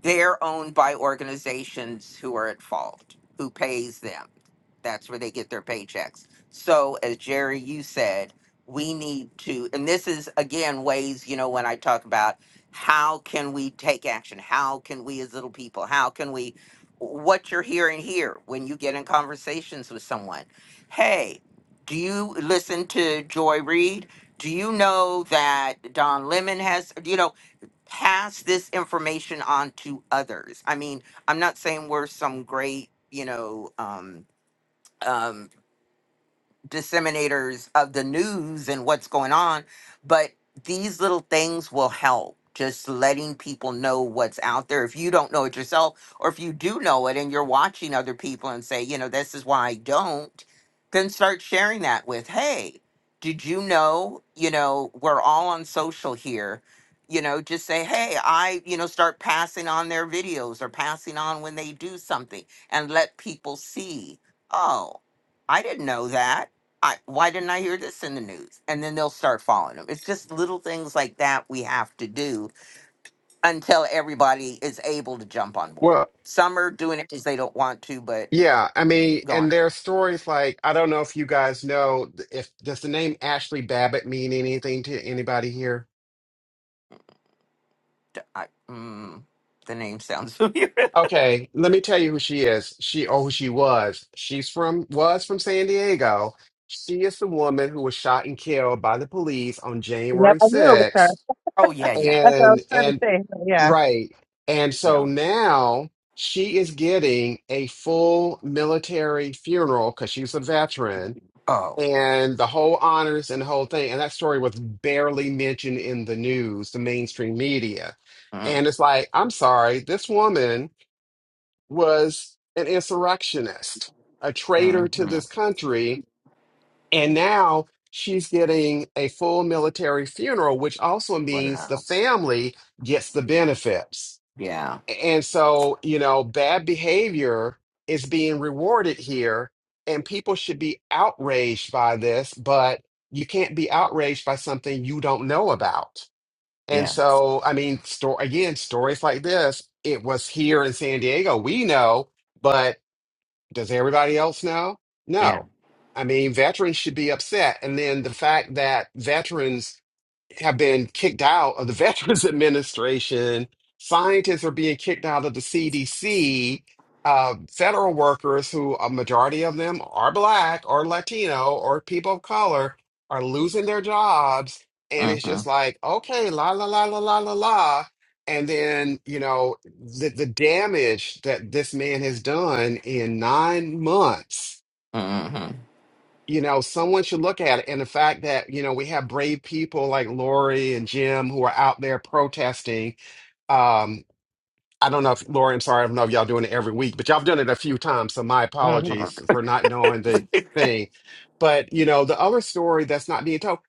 A: they're owned by organizations who are at fault, who pays them. That's where they get their paychecks. So, as Jerry, you said, we need to, and this is again ways, you know, when I talk about how can we take action? How can we as little people, how can we, what you're hearing here when you get in conversations with someone? Hey, do you listen to Joy Reid? Do you know that Don Lemon has, you know, pass this information on to others. I mean, I'm not saying we're some great, you know, um, um, disseminators of the news and what's going on, but these little things will help. Just letting people know what's out there. If you don't know it yourself, or if you do know it and you're watching other people and say, you know, this is why I don't, then start sharing that with, hey, did you know, you know, we're all on social here. You know, just say, hey, I, you know, start passing on their videos or passing on when they do something and let people see, oh, I didn't know that I, why didn't I hear this in the news? And then they'll start following them. It's just little things like that we have to do until everybody is able to jump on board.
C: Well,
A: Some are doing it because they don't want to, but
C: Yeah, I mean,
A: gone.
C: and there are stories like I don't know if you guys know if does the name Ashley Babbitt mean anything to anybody here?
A: I, mm, the name sounds familiar.
C: Okay, let me tell you who she is. She oh, who she was. She's from was from San Diego. She is the woman who was shot and killed by the police on
B: Yep,
C: January
B: I knew it was her.
C: 6th.
A: oh yeah, yeah,
B: That's what I
C: And
B: was trying
C: and
B: to say. So, yeah,
C: Right. And so
A: yeah.
C: now she is getting a full military funeral because she's a veteran
A: Oh,
C: and the whole honors and the whole thing. And that story was barely mentioned in the news, the mainstream media.
A: mm,
C: And it's like, I'm sorry, this woman was an insurrectionist, a traitor to
A: mm-hmm.
C: this country. And now she's getting a full military funeral, which also means the
A: wow.
C: family gets the benefits.
A: Yeah,
C: And so, you know, bad behavior is being rewarded here, and people should be outraged by this, but you can't be outraged by something you don't know about. And
A: yeah,
C: so, I mean, sto- again, stories like this, it was here in San Diego. We know, but does everybody else know?
A: yeah.
C: No. I mean, veterans should be upset. And then the fact that veterans have been kicked out of the Veterans Administration. Scientists are being kicked out of the CDC. Uh, federal workers, who a majority of them are Black or Latino or people of color, are losing their jobs. And it's
A: Mm-hmm.
C: just like, okay, la, la, la, la, la, la, la. And then, you know, the, the damage that this man has done in nine months
A: Mm-hmm.
C: you know, someone should look at it. And the fact that, you know, we have brave people like Lori and Jim who are out there protesting. Um, I don't know if Lori, I'm sorry, I don't know if y'all doing it every week, but y'all done it a few times. So my
A: Mm-hmm.
C: apologies for not knowing the thing. But, you know, the other story that's not being told,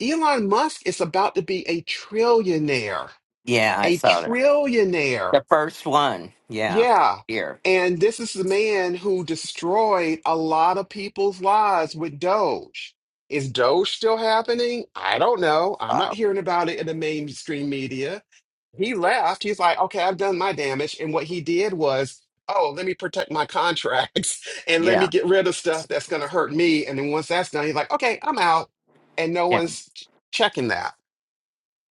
C: Elon Musk is about to be a trillionaire,
A: Yeah, I
C: a
A: saw that.
C: trillionaire.
A: The first one. Yeah,
C: Yeah.
A: here.
C: And this is the man who destroyed a lot of people's lives with Doge. Is Doge still happening? I don't know. I'm not
A: Wow.
C: hearing about it in the mainstream media. He left. He's like, okay, I've done my damage. And what he did was, oh, let me protect my contracts and let
A: Yeah.
C: me get rid of stuff that's going to hurt me. And then once that's done, he's like, okay, I'm out. And no
A: yeah.
C: one's ch- checking that.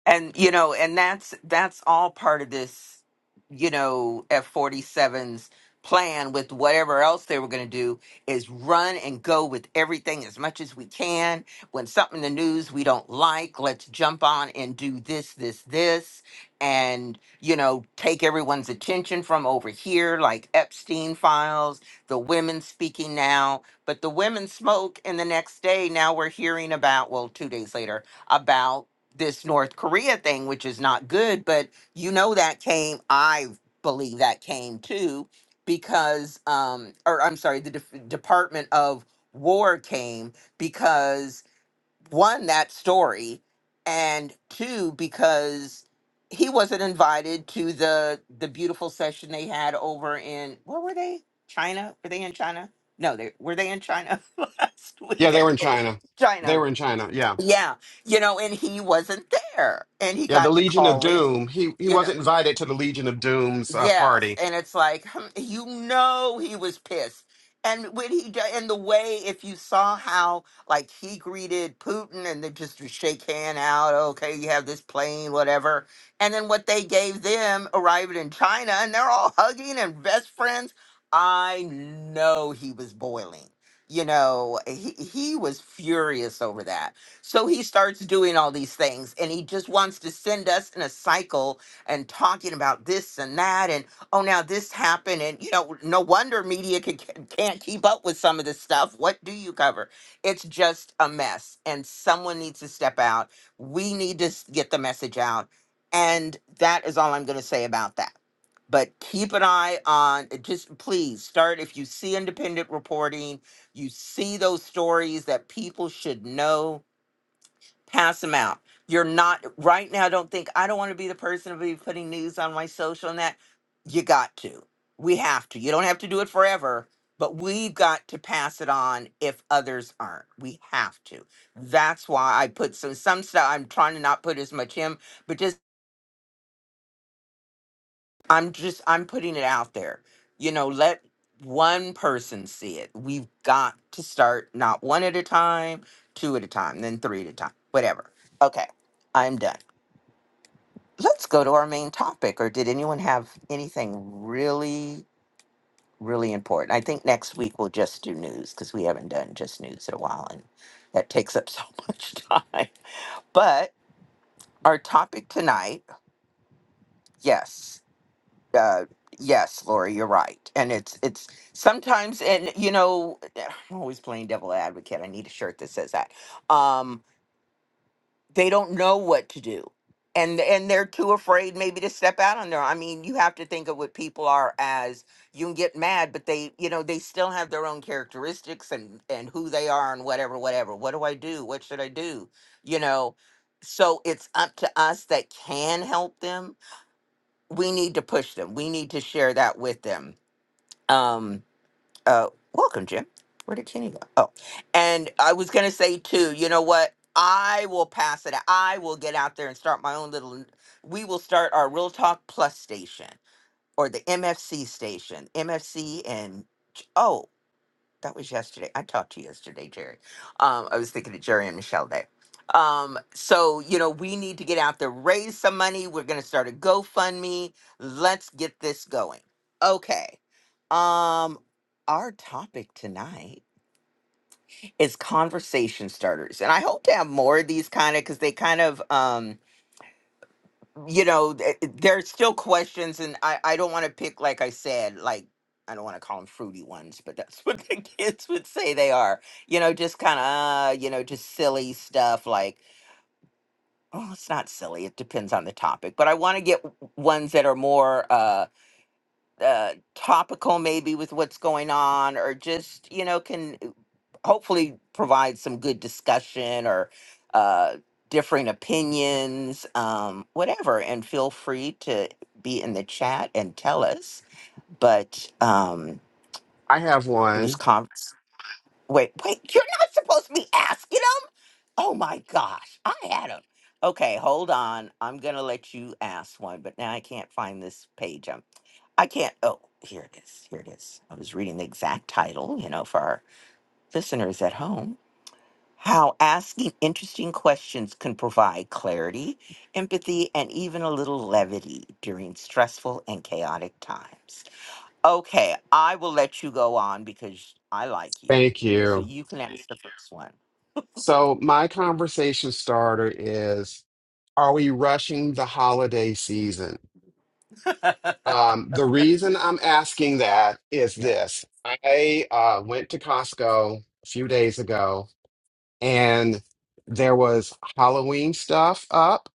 A: and you know and that's that's all part of this you know f forty seven's plan with whatever else they were going to do is run and go with everything as much as we can when something in the news we don't like let's jump on and do this this this and you know take everyone's attention from over here like epstein files the women speaking now but the women smoke and the next day now we're hearing about well two days later about this North Korea thing, which is not good, but you know that came, I believe that came too, because, um, or I'm sorry, the Def- Department of War came because one, that story, and two, because he wasn't invited to the the beautiful session they had over in where were they? China? Were they in China? No, they were they in China last
C: Yeah,
A: week?
C: they
A: I
C: were in
A: think.
C: China. They
A: China.
C: were in China. Yeah.
A: Yeah, you know, and he wasn't there, and he
C: Yeah, the
A: got to
C: Legion of
A: call in.
C: Doom. He he
A: You know,
C: wasn't invited to the Legion of Doom's uh,
A: Yes,
C: party.
A: and it's like hmm, you know he was pissed, and when he do- and the way if you saw how like he greeted Putin and they just to shake hand out, okay, you have this plane, whatever, and then what they gave them arriving in China, and they're all hugging and best friends. I know he was boiling. You know, he he was furious over that. So he starts doing all these things, and he just wants to send us in a cycle and talking about this and that and oh now this happened and you know no wonder media can, can- can't keep up with some of this stuff what do you cover it's just a mess and someone needs to step out we need to s- get the message out and that is all i'm going to say about that but keep an eye on uh, just please start if you see independent reporting you see those stories that people should know pass them out. You're not right now. don't think I don't want to be the person to be putting news on my social and that. You got to. We have to. You don't have to do it forever, but we've got to pass it on if others aren't. We have to. That's why I put some some stuff. I'm trying to not put as much him, but just I'm just I'm putting it out there. You know, let one person see it. We've got to start not one at a time, two at a time, then three at a time, whatever. Okay, I'm done. let's go to our main topic. Or did anyone have anything really, really important? I think next week we'll just do news because we haven't done just news in a while and that takes up so much time. But our topic tonight, yes. Uh, yes, Lori, you're right. And it's it's sometimes and you know I'm always playing devil advocate. I need a shirt that says that. Um they don't know what to do and and they're too afraid maybe to step out on their i mean you have to think of what people are as you can get mad but they you know they still have their own characteristics and and who they are and whatever whatever what do i do what should i do you know so it's up to us that can help them we need to push them we need to share that with them Um, uh welcome jim where did kenny go oh and i was gonna say too you know what i will pass it i will get out there and start my own little we will start our real talk plus station or the mfc station mfc and oh that was yesterday. I talked to you yesterday, Jerry. Um, I was thinking of Jerry and Michelle Day. Um, so you know, we need to get out there, raise some money. We're gonna start a GoFundMe. Let's get this going. Okay. Um, our topic tonight is conversation starters, and I hope to have more of these kind of because they kind of um you know, th- there's still questions, and I, I don't want to pick, like I said, like, I don't want to call them fruity ones, but that's what the kids would say they are. You know, just kind of, uh, you know, just silly stuff like, oh, it's not silly. It depends on the topic. But I want to get w- ones that are more uh, uh, topical maybe with what's going on or just you know can uh, hopefully provide some good discussion or uh, differing opinions um, whatever and feel free to be in the chat and tell us but um,
C: I have
A: it was
C: one.
A: conversation. Wait, wait, you're not supposed to be asking him? Oh my gosh, I had him. Okay, hold on. I'm going to let you ask one, but now I can't find this page. I'm, I can't. Oh, here it is. Here it is. I was reading the exact title, you know, for our listeners at home. How asking interesting questions can provide clarity, empathy, and even a little levity during stressful and chaotic times. Okay, I will let you go on because I like you.
C: Thank
A: So
C: you.
A: you can answer the first one.
C: So my conversation starter is: Are we rushing the holiday season? Um, the reason I'm asking that is
A: Yeah.
C: this: I uh, went to Costco a few days ago, and there was Halloween stuff up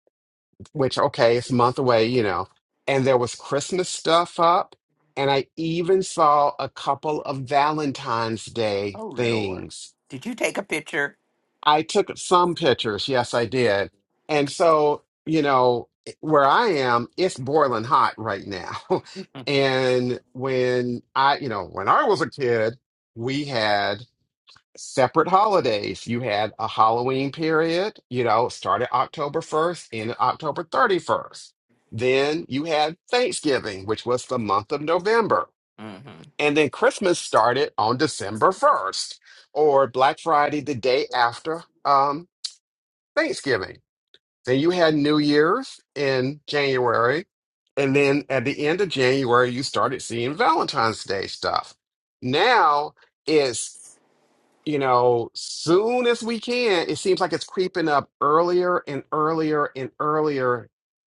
C: which okay, it's a month away, you know. And there was Christmas stuff up, and I even saw a couple of Valentine's Day
A: Oh, Lord.
C: things.
A: Did you take a picture?
C: I took some pictures, yes, I did. And so, you know, where I am, it's boiling hot right now.
A: hmm
C: And when I, you know, when I was a kid, we had separate holidays. You had a Halloween period, you know, started October 1st, ended October 31st. Then you had Thanksgiving, which was the month of November. And then Christmas started on December 1st or Black Friday the day after um, Thanksgiving. Then you had New Year's in January. And then at the end of January, you started seeing Valentine's Day stuff. Now, is you know, soon as we can, it seems like it's creeping up earlier and earlier and earlier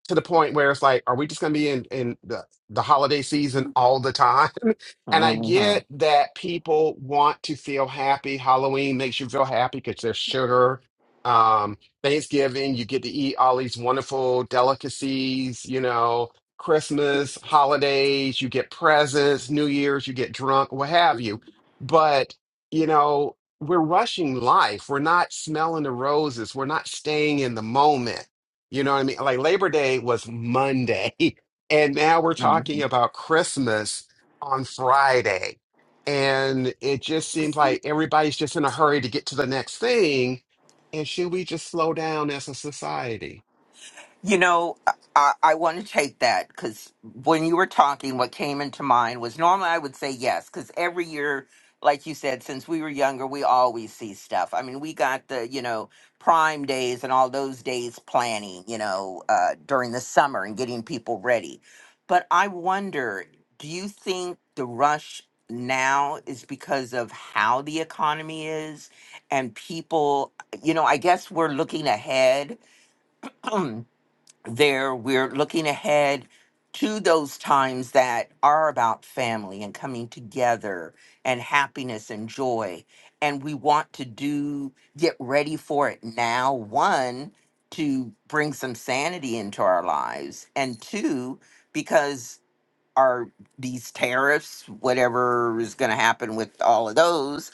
C: to the point where it's like, are we just going to be in, in the, the holiday season all the time? And I
A: hmm
C: get that people want to feel happy. Halloween makes you feel happy because there's sugar. Um, Thanksgiving, you get to eat all these wonderful delicacies, you know, Christmas, holidays, you get presents, New Year's, you get drunk, what have you. But you know we're rushing life. We're not smelling the roses. We're not staying in the moment. You know what I mean? Like Labor Day was Monday, and now we're
A: hmm
C: talking about Christmas on Friday. And it just seems like everybody's just in a hurry to get to the next thing. And should we just slow down as a society?
A: You know, I, I want to take that because when you were talking, what came into mind was normally I would say yes because every year, like you said, since we were younger, we always see stuff. I mean, we got the you know prime days and all those days planning, you know, uh, during the summer and getting people ready. But I wonder, do you think the rush now is because of how the economy is and people? You know, I guess we're looking ahead. there we're looking ahead to those times that are about family and coming together and happiness and joy and we want to do get ready for it now one to bring some sanity into our lives and two because our these tariffs whatever is going to happen with all of those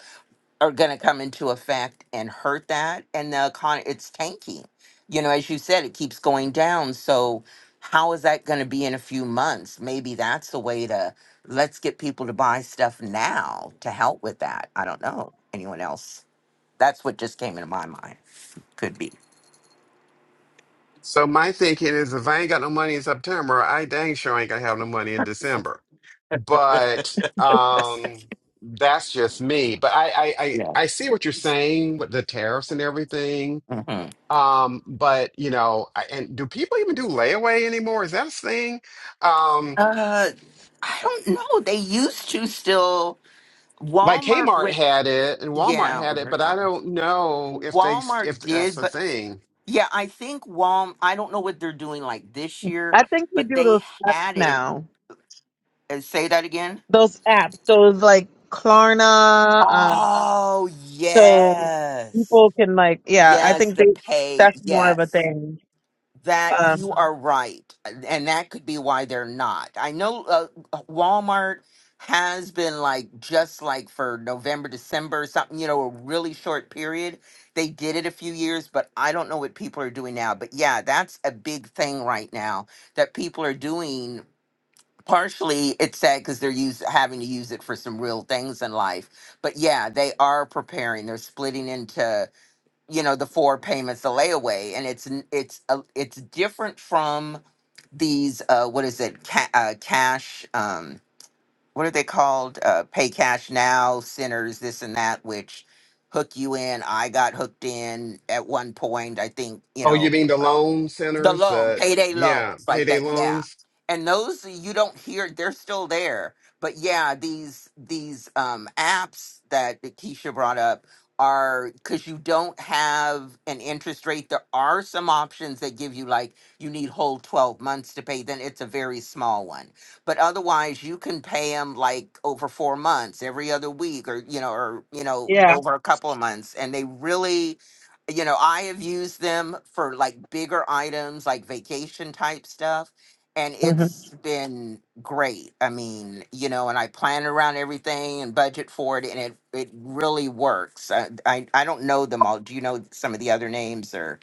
A: are going to come into effect and hurt that and the economy it's tanking you know as you said it keeps going down so how is that going to be in a few months maybe that's the way to let's get people to buy stuff now to help with that i don't know anyone else that's what just came into my mind could be
C: So my thinking is if I ain't got no money in September, I dang sure ain't gonna have no money in December. But um that's just me. But I I I,
A: yeah
C: I see what you're saying with the tariffs and everything.
A: hmm
C: Um, but you know, I, and do people even do layaway anymore? Is that a thing? Um
A: uh i don't know they used to still
C: like
A: walmart
C: Kmart
A: went
C: had it and Walmart
A: yeah well,
C: had it,
A: they're
C: but I
A: gone
C: don't know if they
A: walmart
C: if that's
A: did but
C: a thing.
A: Yeah, I think Walm, I don't know what they're doing like this year,
B: I think you
A: but
B: do
A: they
B: those apps
A: had it.
B: now.
A: And say that again.
B: Those apps, those like Klarna, um,
A: Oh,
B: so
A: yes.
B: people can like, yeah, I
A: Yes,
B: think
A: the
B: they
A: pay.
B: that's more of a
A: Yes.
B: thing.
A: That
B: Um,
A: you are right. And that could be why they're not. I know uh, Walmart has been like just like for November, December, something, you know, a really short period. They did it a few years, but I don't know what people are doing now. But yeah, that's a big thing right now that people are doing. Partially, it's sad because they're use, having to use it for some real things in life. But yeah, they are preparing. They're splitting into you know the four payments the layaway and it's n- it's a, it's different from these uh what is it ca- uh, cash um what are they called uh pay cash now centers this and that which hook you in i got hooked in at one point i think you
C: Oh,
A: know
C: you mean the loan
A: the
C: centers?
A: loan,
C: Uh,
A: payday
C: yeah,
A: loans, like
C: payday
A: that. Yeah,
C: loans.
A: and those you don't hear; they're still there. But yeah, these these um, apps that that Keisha brought up are because you don't have an interest rate. There are some options that give you like you need whole twelve months to pay. Then it's a very small one, but otherwise you can pay them like over four months, every other week, or you know, or you know,
B: yeah,
A: over a couple of months, and they really you know, I have used them for like bigger items, like vacation type stuff, and
B: hmm
A: it's been great. I mean, you know, and I plan around everything and budget for it, and it it really works. I I, I don't know them all. Do you know some of the other names or?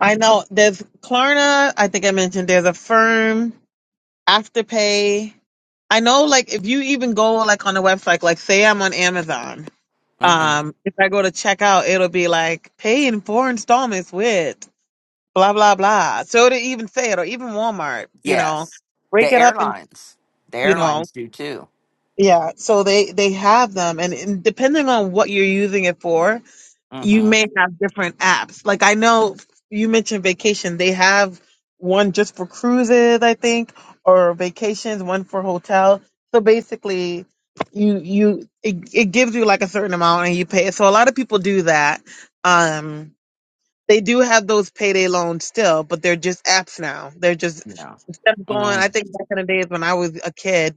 B: I know. There's Klarna. I think I mentioned there's a firm Afterpay. I know, like, if you even go like on a website, like say I'm on Amazon.
A: hmm
B: Um, if I go to check out, it'll be like pay in four installments with blah blah blah. So it'll even say it, or even Walmart, you know,
A: Yes,
B: break
A: the
B: it up and
A: airlines. The
B: you know,
A: airlines do too.
B: yeah. So they they have them, and, and depending on what you're using it for, you
A: Mm-hmm.
B: may have different apps. Like I know you mentioned vacation. They have one just for cruises, I think, or vacations, one for hotel. So basically you you it, it gives you like a certain amount and you pay it. So a lot of people do that. Um they do have those payday loans still, but they're just apps now. They're just
A: Yeah.
B: instead of going I
A: Mm-hmm.
B: think back in the days when I was a kid,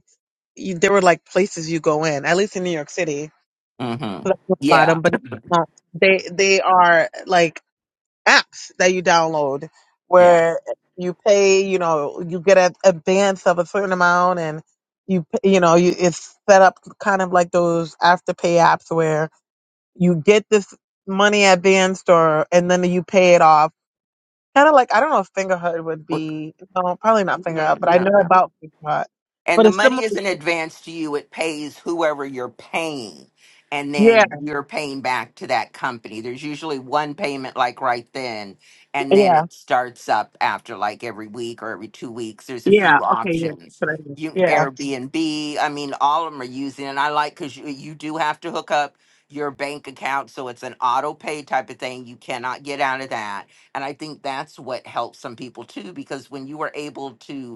B: you, there were like places you go in, at least in New York City.
A: Mm-hmm.
B: So that's about
A: Yeah.
B: 'em, but no, they they are like apps that you download
A: Yeah.
B: where you pay, you know, you get an advance of a certain amount and you, p- you know, you, it's set up kind of like those afterpay apps where you get this money advanced or, and then you pay it off. Kind of like, I don't know if Fingerhood would
A: Well,
B: be, no, probably not Fingerhut,
A: mm,
B: but I
A: I don't
B: know
A: know.
B: about Fingerhut.
A: And
B: But
A: the
B: it's
A: money
B: similar.
A: isn't advanced to you, it pays whoever you're paying. And
B: Yeah,
A: then you're paying back to that company. There's usually one payment, like right then, and then
B: yeah,
A: it starts up after like every week or every two weeks. There's a
B: yeah.
A: few
B: Okay, yeah. that's
A: options.
B: what I mean.
A: You
B: Yeah,
A: Airbnb, I mean, all of them are using, and I like because you, you do have to hook up your bank account, so it's an auto pay type of thing. You cannot get out of that, and I think that's what helps some people too, because when you are able to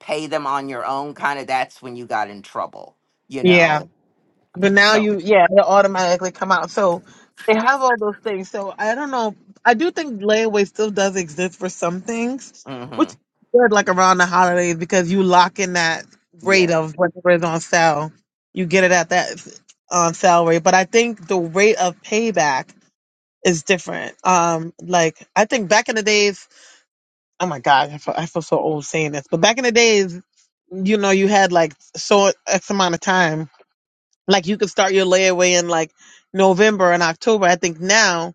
A: pay them on your own kind of that's when you got in trouble you
B: yeah.
A: know
B: But now
A: so
B: you, yeah, they automatically come out. So they have all those things. So I don't know. I do think layaway still does exist for some things,
A: hmm
B: which is good, like around the holidays, because you lock in that rate
A: yeah
B: of whatever is on sale. You get it at that on sale rate. But I think the rate of payback is different. Um, like I think back in the days, oh my God, I feel, I feel so old saying this, but back in the days, you know, you had like so X amount of time like you could start your layaway in like November and October. I think now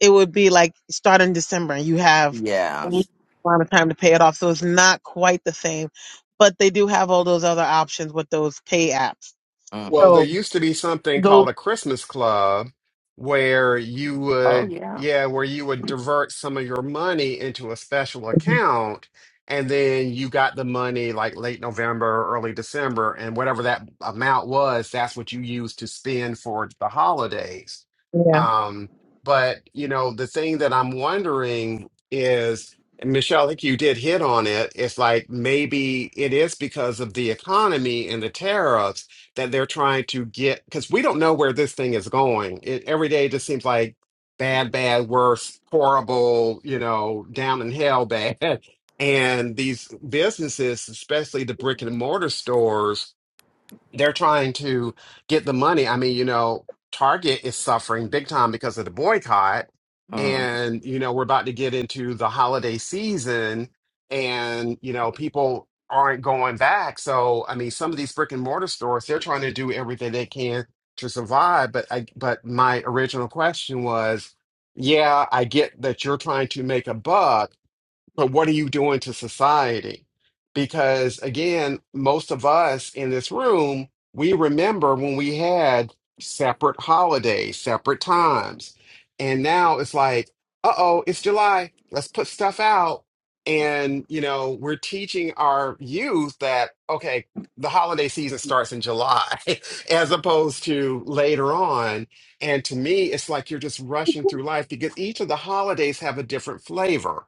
B: it would be like start in December and you have a
A: yeah
B: week amount of time to pay it off. So it's not quite the same, but they do have all those other options with those pay apps.
C: Well,
A: hmm
C: there
B: So
C: used to be something
B: those,
C: called a Christmas club where you
A: oh
C: would,
A: yeah
C: yeah, where you would divert some of your money into a special account, and then you got the money like late November, early December, and whatever that amount was, that's what you used to spend for the holidays.
B: yeah,
C: Um, but you know, the thing that I'm wondering is, and Michelle, I think you did hit on it. It's like maybe it is because of the economy and the tariffs that they're trying to get because we don't know where this thing is going. It, every day just seems like bad, bad, worse, horrible, you know, down in hell bad. And these businesses, especially the brick and mortar stores, they're trying to get the money. I mean, you know, Target is suffering big time because of the boycott.
A: hmm
C: And, you know, we're about to get into the holiday season and, you know, people aren't going back. So, I mean, some of these brick and mortar stores, they're trying to do everything they can to survive. But I, but my original question was, yeah, I get that you're trying to make a buck, but what are you doing to society? Because again, most of us in this room, we remember when we had separate holidays, separate times. And now it's like, uh-oh, it's July. Let's put stuff out. And, you know, we're teaching our youth that, okay, the holiday season starts in July as opposed to later on. And to me, it's like you're just rushing through life because each of the holidays have a different flavor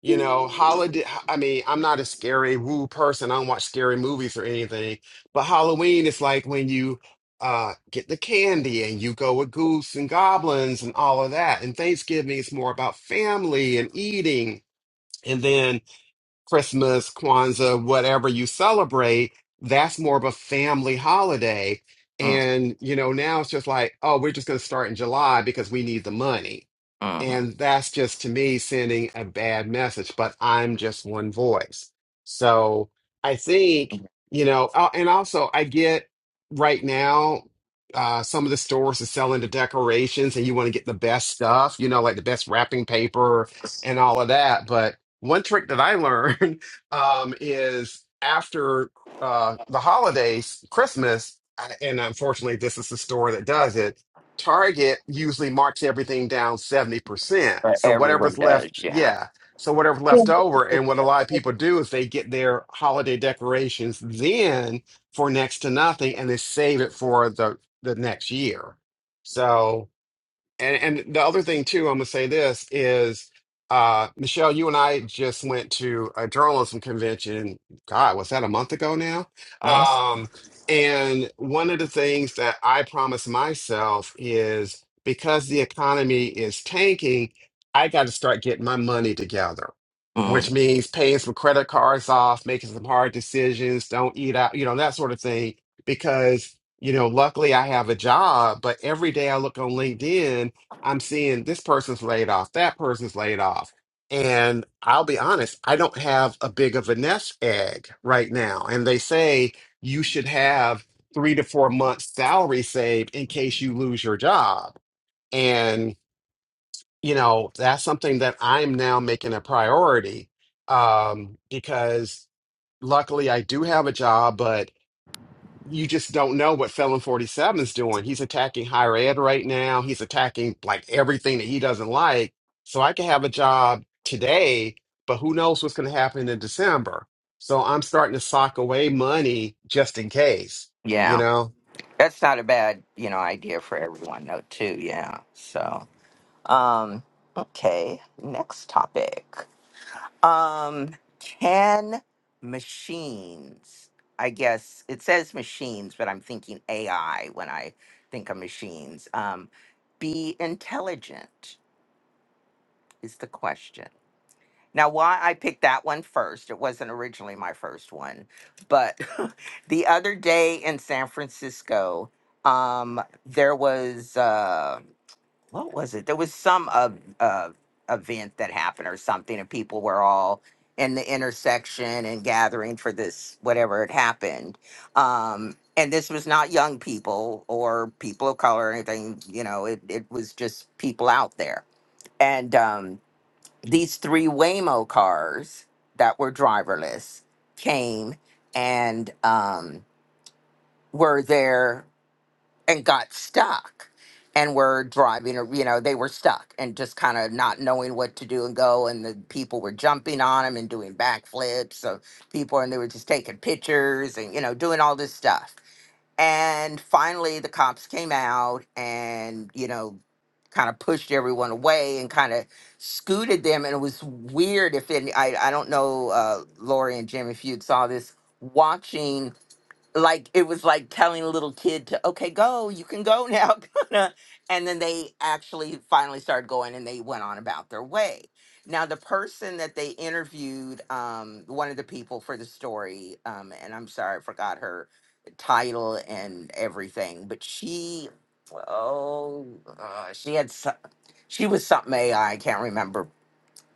C: you know, holiday. I mean, I'm not a scary woo person. I don't watch scary movies or anything. But Halloween is like when you uh get the candy and you go with goose and goblins and all of that. And Thanksgiving is more about family and eating. And then Christmas, Kwanzaa, whatever you celebrate, that's more of a family holiday. And, you know, now it's just like, oh, we're just going to start in July because we need the money
A: hmm
C: and that's just to me sending a bad message, but I'm just one voice. So I think, you know, uh, and also I get right now, uh, some of the stores are selling the decorations and you want to get the best stuff, you know, like the best wrapping paper and all of that. But one trick that I learned um, is after uh, the holidays, Christmas, I- and unfortunately, this is the store that does it Target usually marks everything down 70%.
A: but
C: So
A: everyone
C: whatever's left,
A: does yeah
C: yeah. So whatever's
B: yeah.
C: left over. And what a lot of people do is they get their holiday decorations then for next to nothing and they save it for the the next year. So and and the other thing too, I'm gonna say this is uh Michelle, you and I just went to a journalism convention. God, was that a month ago now? Um, and one of the things that I promised myself is because the economy is tanking, I got to start getting my money together,
A: mm-hmm.
C: which means paying some credit cards off, making some hard decisions, don't eat out, you know, that sort of thing. Because, you know, luckily I have a job, but every day I look on LinkedIn I'm seeing this person's laid off, that person's laid off. And I'll be honest, I don't have a big of a nest egg right now. And they say you should have three to four months salary saved in case you lose your job. And, you know, that's something that I'm now making a priority um, because luckily I do have a job, but you just don't know what Felon 47 is doing. He's attacking higher ed right now. He's attacking like everything that he doesn't like. So I can have a job today, but who knows what's going to happen in December. So I'm starting to sock away money just in case, you
A: yeah
C: know?
A: that's not a bad you know idea for everyone though too yeah so Um, okay, next topic. Um, can machines, I guess it says machines, but I'm thinking AI when I think of machines, um, be intelligent is the question. Now, why I picked that one first, it wasn't originally my first one, but the other day in San Francisco, um, there was uh, what was it? There was some uh, uh, event that happened or something, and people were all in the intersection and gathering for this whatever had happened. Um, and this was not young people or people of color or anything. You know, it it was just people out there. And um, these three Waymo cars that were driverless came and um, were there and got stuck and were driving or you know they were stuck and just kind of not knowing what to do and go and the people were jumping on them and doing backflips so people and they were just taking pictures and you know doing all this stuff and finally the cops came out and you know kind of pushed everyone away and kind of scooted them and it was weird if any i, I don't know uh, lori and jim if you saw this watching like it was like telling a little kid to okay go you can go now kinda. and then they actually finally started going and they went on about their way now the person that they interviewed um one of the people for the story um and i'm sorry i forgot her title and everything but she oh uh, she had so- she was something ai i can't remember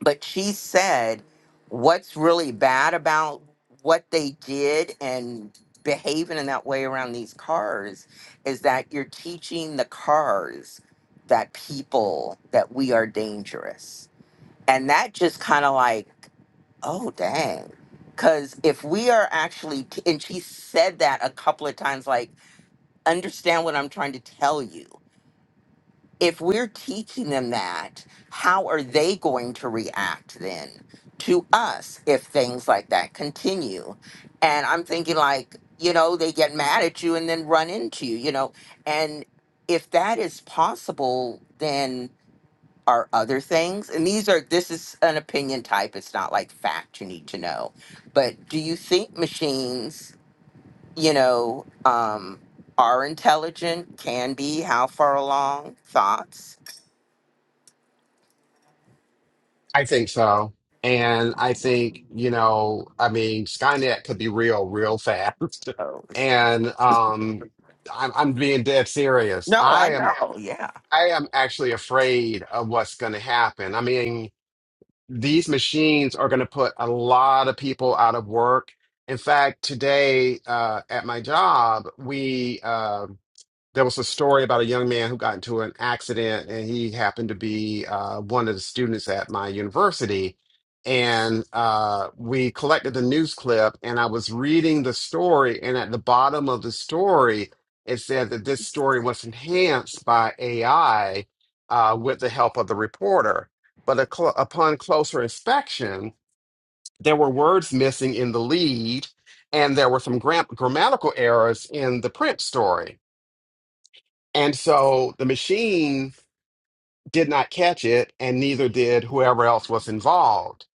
A: but she said what's really bad about what they did and behaving in that way around these cars is that you're teaching the cars that people that we are dangerous and that just kind of like oh dang because if we are actually t- and she said that a couple of times like understand what i'm trying to tell you if we're teaching them that, how are they going to react then to us if things like that continue? And I'm thinking, like, you know, they get mad at you and then run into you, you know. And if that is possible, then are other things? And these are, this is an opinion type. It's not like fact you need to know. But do you think machines, you know, um, are intelligent, can be, how far along, thoughts?
C: I think so. And I think, you know, I mean, Skynet could be real, real fast.
A: Oh
C: and um, I'm, I'm being dead serious.
A: no, I
C: I am.
A: know. Yeah.
C: I am actually afraid of what's going to happen. I mean, these machines are going to put a lot of people out of work. In fact, today uh, at my job, we uh, there was a story about a young man who got into an accident and he happened to be uh, one of the students at my university and uh, we collected the news clip and i was reading the story and at the bottom of the story it said that this story was enhanced by ai uh, with the help of the reporter but a cl- upon closer inspection there were words missing in the lead and there were some gram- grammatical errors in the print story and so the machine did not catch it, and neither did whoever else was involved.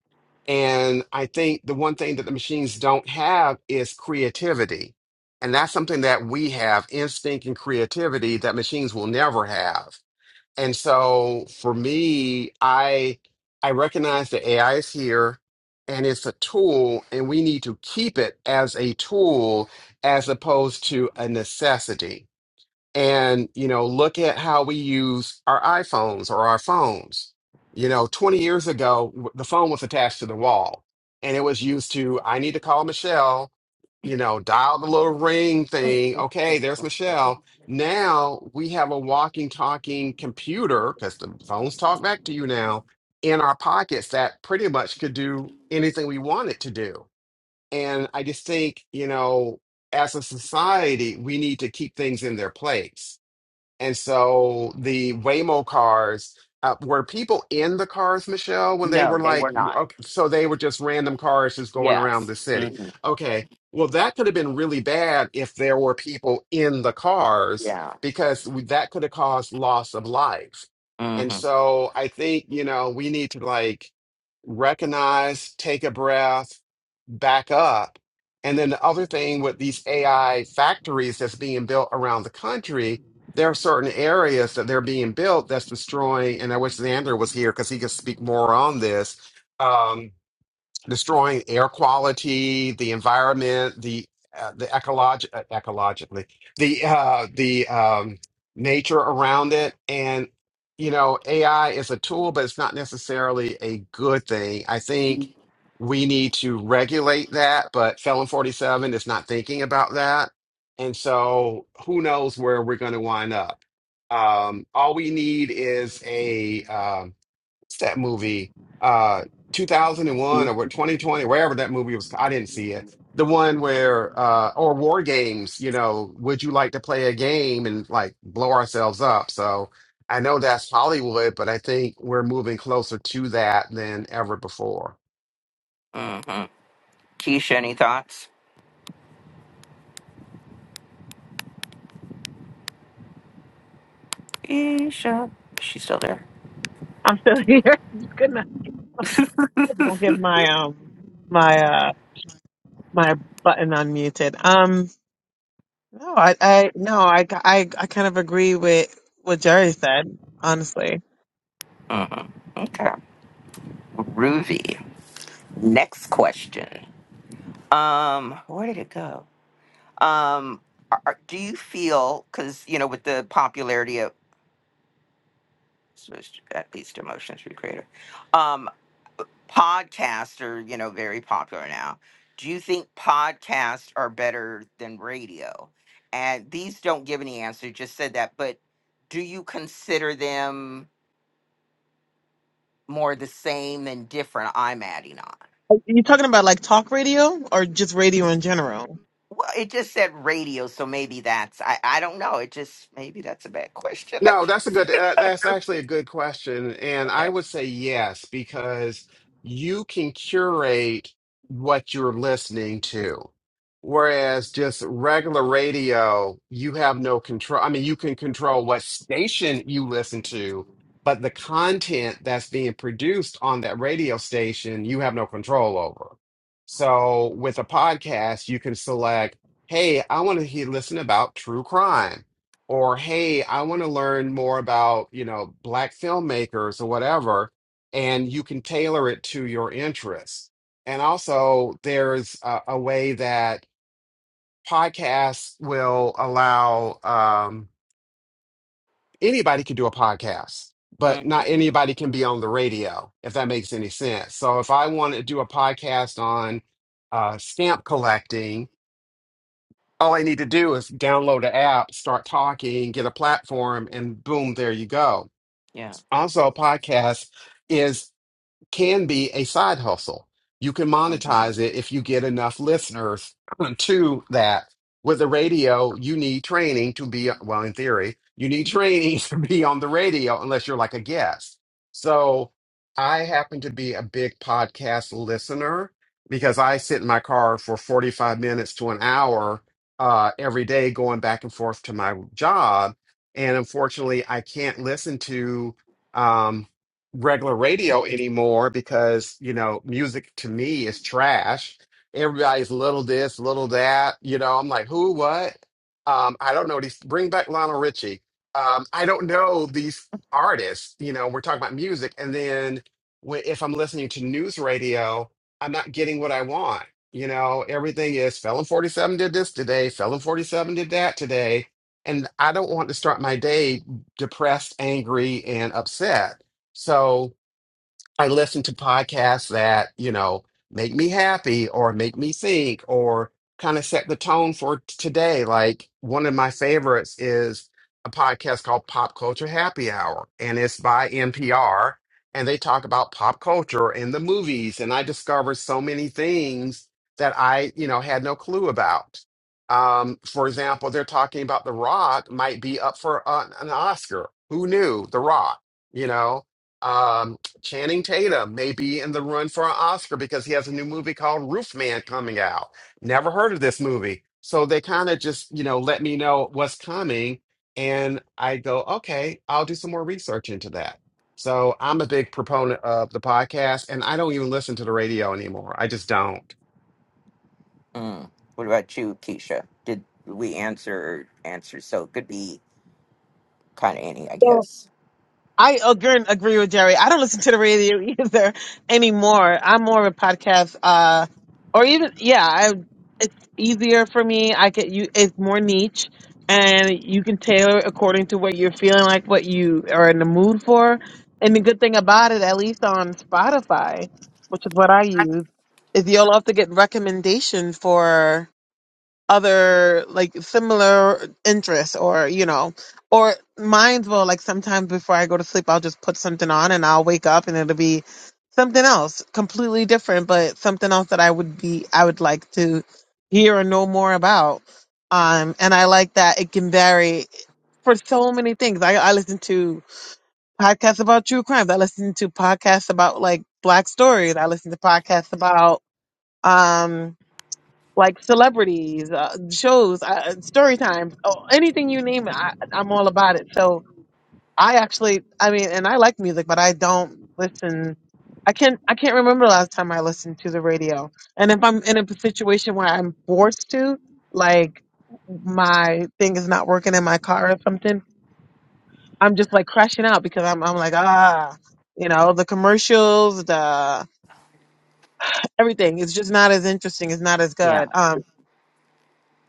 C: And I think the one thing that the machines don't have is creativity. And that's something that we have instinct and creativity that machines will never have. And so for me, I I recognize that AI is here and it's a tool, and we need to keep it as a tool as opposed to a necessity and you know look at how we use our iPhones or our phones you know 20 years ago w- the phone was attached to the wall and it was used to I need to call Michelle you know dial the little ring thing okay there's Michelle now we have a walking talking computer cuz the phones talk back to you now in our pockets that pretty much could do anything we want it to do and I just think you know as a society we need to keep things in their place and so the Waymo cars, uh, were people in the cars, Michelle, when they
A: No,
C: were
A: they
C: like,
A: were not.
C: okay, so they were just random cars just going around
A: Yes.
C: the city.
A: hmm
C: Okay. Well, that could have been really bad if there were people in the cars
A: Yeah.
C: because we- that could have caused loss of life.
A: hmm
C: And so I think, you know, we need to like recognize, take a breath, back up. And then the other thing with these AI factories that's being built around the country there are certain areas that they're being built that's destroying. And I wish Xander was here because he could speak more on this. Um, destroying air quality, the environment, the uh, the ecolog- uh, ecologically, the uh, the um, nature around it, and you know, AI is a tool, but it's not necessarily a good thing. I think we need to regulate that, but Felon Forty Seven is not thinking about that, and so who knows where we're going to wind up. Um, all we need is a um, what's that movie? Uh, 2001 or what, 2020, wherever that movie was. I didn't see it. The one where, uh, or War Games, you know, would you like to play a game and like blow ourselves up? So I know that's Hollywood, but I think we're moving closer to that than ever before.
A: hmm Keisha, any thoughts? Keisha, is she still there?
B: I'm still here. Just Good night. I get my um my uh my button unmuted. Um, no, I I no, I I I kind of agree with what Jerry said. Honestly.
A: hmm Okay. Ruby. Next question. Um, where did it go? Um, are, are- do you feel because you know with the popularity of at least emotions recreator, um, podcasts are you know very popular now do you think podcasts are better than radio and these don't give any answer just said that but do you consider them more the same than different i'm adding on
B: Are you talking about like talk radio or just radio in general?
A: well it just said radio so maybe that's i, I don't know it just maybe that's a bad question I
C: No, that's a
A: just,
C: good, uh, that's actually a good question. And
A: okay
C: I would say yes, because you can curate what you're listening to. Whereas just regular radio, you have no control. I mean, you can control what station you listen to, but the content that's being produced on that radio station, you have no control over. So with a podcast, you can select, hey, I want to hear, listen about true crime or hey, I want to learn more about, you know, black filmmakers or whatever, and you can tailor it to your interests. And also, there's a, a way that podcasts will allow um, anybody can do a podcast, but
A: Mhm.
C: not anybody can be on the radio, if that makes any sense. So if I want to do a podcast on uh, stamp collecting, all I need to do is download an app, start talking, get a platform, and boom, there you go.
A: yeah
C: also a podcast is can be a side hustle. You can
A: Mhm.
C: monetize it if you get enough listeners to that. With the radio, you need training to be, well, in theory, you need training to be on the radio unless you're like a guest. So I happen to be a big podcast listener because I sit in my car for 45 minutes to an hour uh, every day going back and forth to my job. And unfortunately, I can't listen to. um, regular radio anymore because you know music to me is trash everybody's little this little that you know i'm like who what um i don't know these bring back lionel richie um i don't know these artists you know we're talking about music and then when, if i'm listening to news radio i'm not getting what i want you know everything is felon 47 did this today felon 47 did that today and i don't want to start my day depressed angry and upset so I listen to podcasts that, you know, make me happy or make me think or kind of set the tone for t- today. Like one of my favorites is a podcast called Pop Culture Happy Hour, and it's by NPR. And they talk about pop culture and the movies. And I discovered so many things that I, you know, had no clue about. Um, for example, they're talking about The Rock might be up for an, an Oscar. Who knew The Rock, you know? Um, Channing Tatum may be in the run for an Oscar because he has a new movie called Roof Man coming out. Never heard of this movie. So they kind of just, you know, let me know what's coming. And I go, okay, I'll do some more research into that. So I'm a big proponent of the podcast and I don't even listen to the radio anymore. I just don't.
A: mm. what about you keisha did we answer answer so it could be kind of any i
B: So
A: guess
B: I agree, agree with Jerry. I don't listen to the radio either anymore. I'm more of a podcast, uh, or even yeah, I, it's easier for me. I can you, it's more niche, and you can tailor it according to what you're feeling like, what you are in the mood for. And the good thing about it, at least on Spotify, which is what I use, is you'll often get recommendation for other like similar interests or you know or mine's will like sometimes before i go to sleep i'll just put something on and i'll wake up and it'll be something else completely different but something else that i would be i would like to hear or know more about um and i like that it can vary for so many things i, I listen to podcasts about true crime i listen to podcasts about like black stories i listen to podcasts about um like celebrities, uh, shows, uh, story times, oh, anything you name it, I, I'm all about it. So I actually, I mean, and I like music, but I don't listen. I can't, I can't remember the last time I listened to the radio. And if I'm in a situation where I'm forced to, like my thing is not working in my car or something, I'm just like crashing out because I'm, I'm like, ah, you know, the commercials, the everything. It's just not as interesting. It's not as
A: yeah
B: good. Um,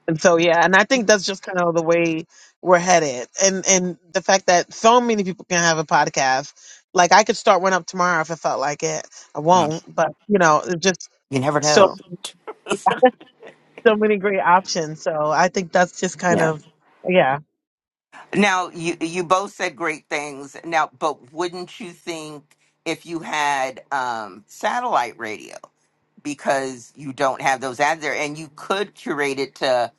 B: And so yeah, and I think that's just kind of the way we're headed. And and the fact that so many people can have a podcast. Like I could start one up tomorrow if I felt like it. I won't, but you know, it's just
A: You never
B: so
A: know.
B: so many great options. So I think that's just kind
A: Yeah.
B: of yeah.
A: Now you you both said great things. Now, but wouldn't you think if you had um, satellite radio because you don't have those ads there, and you could curate it to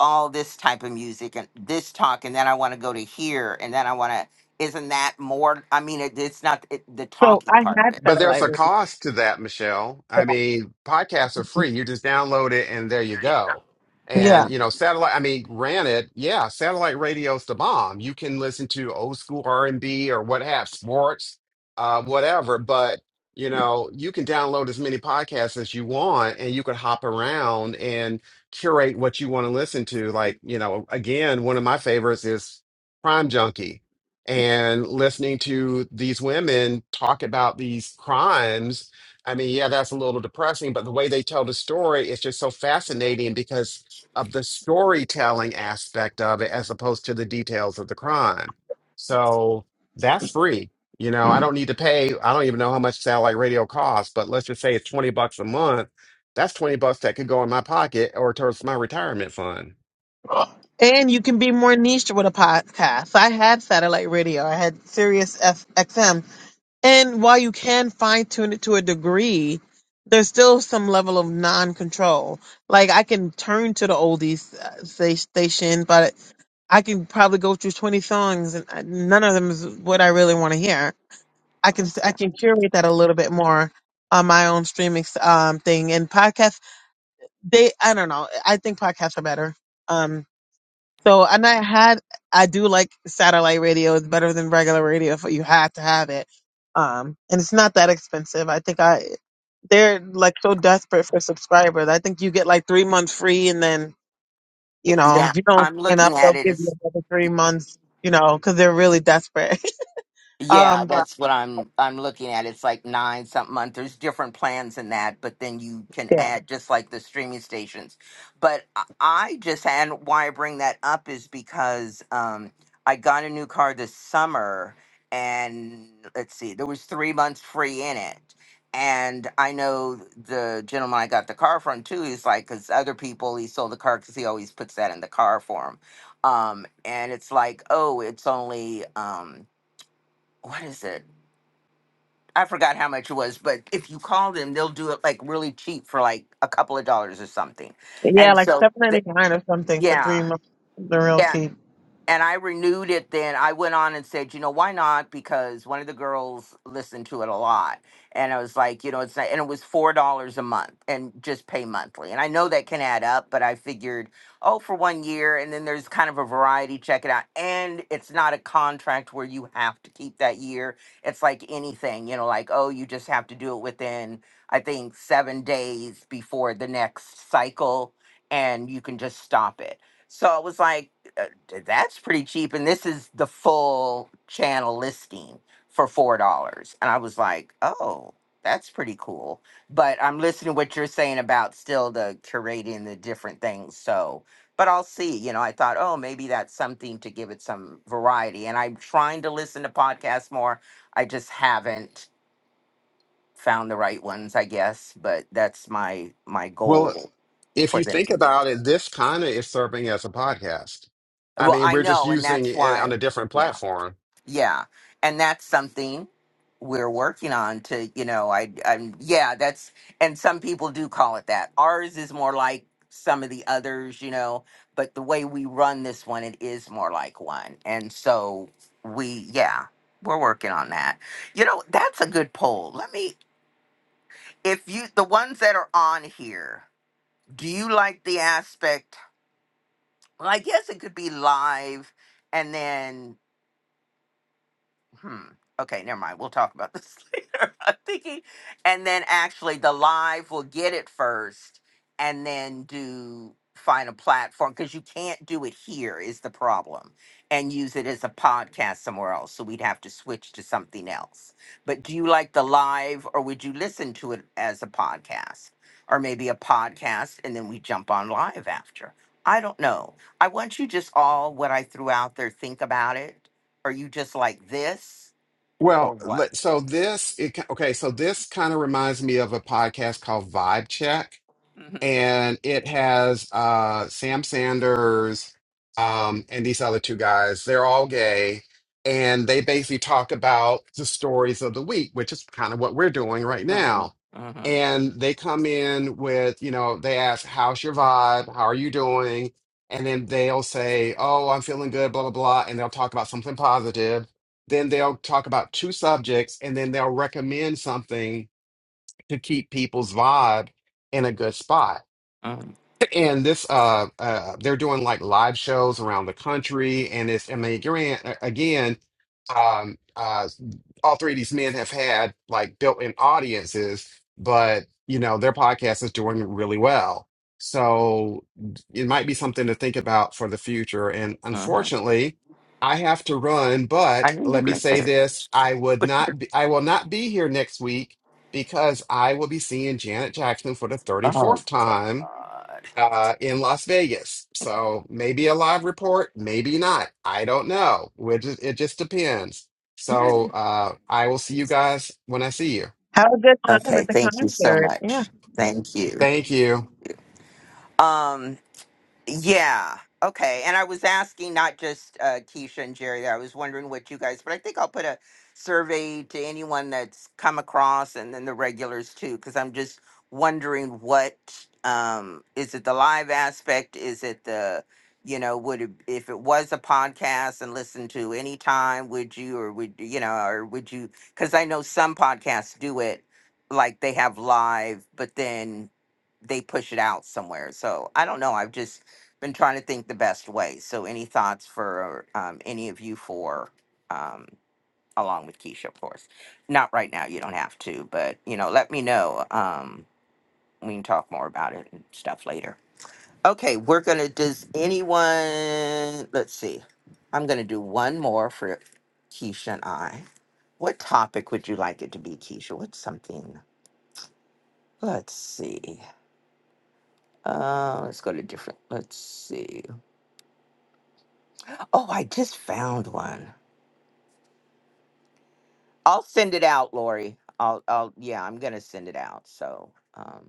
A: all this type of music and this talk, and then I want to go to here, and then I want to. Isn't that more? I mean, it, it's not it, the
B: So
A: talking
B: I
A: part of
B: had
A: it.
C: But there's
B: satellite
C: a cost to that, Michelle. I
B: radio.
C: mean, podcasts are free. You just download it and there you go. And,
B: Yeah.
C: you know, satellite, I mean, granted, yeah, satellite radio's the bomb. You can listen to old school R&B or what have, sports, uh, whatever. But, you know, you can download as many podcasts as you want and you can hop around and curate what you want to listen to. Like, you know, again, one of my favorites is Prime Junkie and listening to these women talk about these crimes i mean yeah that's a little depressing but the way they tell the story is just so fascinating because of the storytelling aspect of it as opposed to the details of the crime so that's free you know i don't need to pay i don't even know how much satellite radio costs but let's just say it's 20 bucks a month that's 20 bucks that could go in my pocket or towards my retirement fund
B: And you can be more niche with a podcast. I had satellite radio. I had Sirius F- XM And while you can fine tune it to a degree, there's still some level of non control. Like I can turn to the oldies uh, sta- station, but I can probably go through 20 songs and I- none of them is what I really want to hear. I can I
A: Okay.
B: can curate that a little bit more on my own streaming um, thing and podcasts. They I don't know. I think podcasts are better Um, so, and I had, I do like satellite radio. It's better than regular radio. If you have to have it, um, and it's not that expensive. I think I, they're like so desperate for subscribers. I think you get like three months free, and then you know
A: yeah,
B: if you don't
A: I'm
B: sign
A: looking
B: up,
A: at
B: they'll give
A: it.
B: you another three months. You know, because they're really desperate.
A: Yeah,
B: um, but
A: that's what I'm I'm looking at. It's like nine something month. There's different plans in that, but then you can
B: yeah,
A: add just like the streaming stations. But I I just and why I bring that up is because um, I got a new car this summer, and let's see, there was three months free in it, and I know the gentleman I got the car from too. He's like, because other people he sold the car because he always puts that in the car for him, um, and it's like, oh, it's only. Um, what is it? I forgot how much it was, but if you call them, they'll do it like really cheap for like a couple of dollars or something.
B: yeah,
A: And
B: like
A: so,
B: seven
A: the,
B: ninety nine or something for
A: yeah,
B: three months. They're real
A: yeah
B: cheap.
A: and I renewed it then. I went on and said, you know, why not? Because one of the girls listened to it a lot. And I was like, you know, it's not, and it was $4 a month and just pay monthly. And I know that can add up, but I figured, oh, for one year. And then there's kind of a variety, check it out. And it's not a contract where you have to keep that year. It's like anything, you know, like, oh, you just have to do it within, I think, seven days before the next cycle and you can just stop it. So I was like, that's pretty cheap and this is the full channel listing for four dollars and i was like oh that's pretty cool but i'm listening to what you're saying about still the curating the different things so but i'll see you know i thought oh maybe that's something to give it some variety and i'm trying to listen to podcasts more i just haven't found the right ones i guess but that's my my
C: Well.
A: goal
C: if
A: for
C: you
A: them
C: think
A: to hear
C: about it, this kind of is serving as a podcast. I
A: well
C: mean,
A: i
C: we're just
A: know and
C: using
A: that's
C: it eh, on
A: why
C: a different
A: yeah
C: platform.
A: Yeah, and that's something we're working on to, you know, I, I'm, yeah, that's, and some people do call it that. Ours is more like some of the others, you know, but the way we run this one, it is more like one. And so we, yeah, we're working on that. You know, that's a good poll. Let me, if you, the ones that are on here, do you like the aspect? Well, I guess it could be live and then Hmm. Okay, never mind. We'll talk about this later. I'm thinking, and then actually the live will get it first, and then do find a platform because you can't do it here is the problem, and use it as a podcast somewhere else. So we'd have to switch to something else. But do you like the live, or would you listen to it as a podcast, or maybe a podcast, and then we jump on live after? I don't know. I want you just all what I threw out there. Think about it are you just like this or
C: Well,
A: what?
C: let- so this, it, okay, so this kind of reminds me of a podcast called Vibe Check.
A: hmm
C: and it has uh Sam Sanders um and these other two guys. They're all gay and they basically talk about the stories of the week, which is kind of what we're doing right
A: Mm-hmm.
C: now.
A: Mm-hmm.
C: And they come in with, you know, they ask, "How's your vibe? How are you doing?" And then they'll say, "Oh, I'm feeling good, blah blah blah," and they'll talk about something positive. Then they'll talk about two subjects and then they'll recommend something to keep people's vibe in a good spot.
A: Mm-hmm.
C: And this, uh, uh, they're doing like live shows around the country, and it's, I mean, again, again, um, uh, all three of these men have had like built-in audiences, but you know, their podcast is doing really well. So it might be something to think about for the future. And
A: Mm-hmm.
C: unfortunately, I have to run,
A: I
C: but
A: knew you were
C: let me
A: going to
C: say
A: say it.
C: this, I would not be, I will not be here next week because I will be seeing Janet Jackson for the
A: Oh
C: 34th time
A: God.
C: uh, in Las Vegas. So maybe a live report, maybe not. I don't know. It just, it just depends. So uh, I will see you guys when I see you.
B: Have a good time
A: Okay.
B: at the
A: Thank you so
B: concert. Yeah,
A: much. Thank you.
C: Thank you.
A: Um. Yeah. Okay. And I was asking not just uh, Keisha and Jerry. I was wondering what you guys, but I think I'll put a survey to anyone that's come across, and then the regulars too, because I'm just wondering what um, is it the live aspect? Is it the you know would it, if it was a podcast and listened to any time would you or would you know or would you because i know some podcasts do it like they have live but then they push it out somewhere so i don't know i've just been trying to think the best way. So, any thoughts for um, any of you for, um, along with Keisha, of course? Not right now. You don't have to, but you know, let me know. Um, we can talk more about it and stuff later. Okay, we're gonna. Does anyone? Let's see. I'm gonna do one more for Keisha and I. What topic would you like it to be, Keisha? What's something? Let's see. Uh, let's go to different. Let's see. Oh, I just found one. I'll send it out, Lori. I'll, I'll, yeah, I'm gonna send it out. So, um,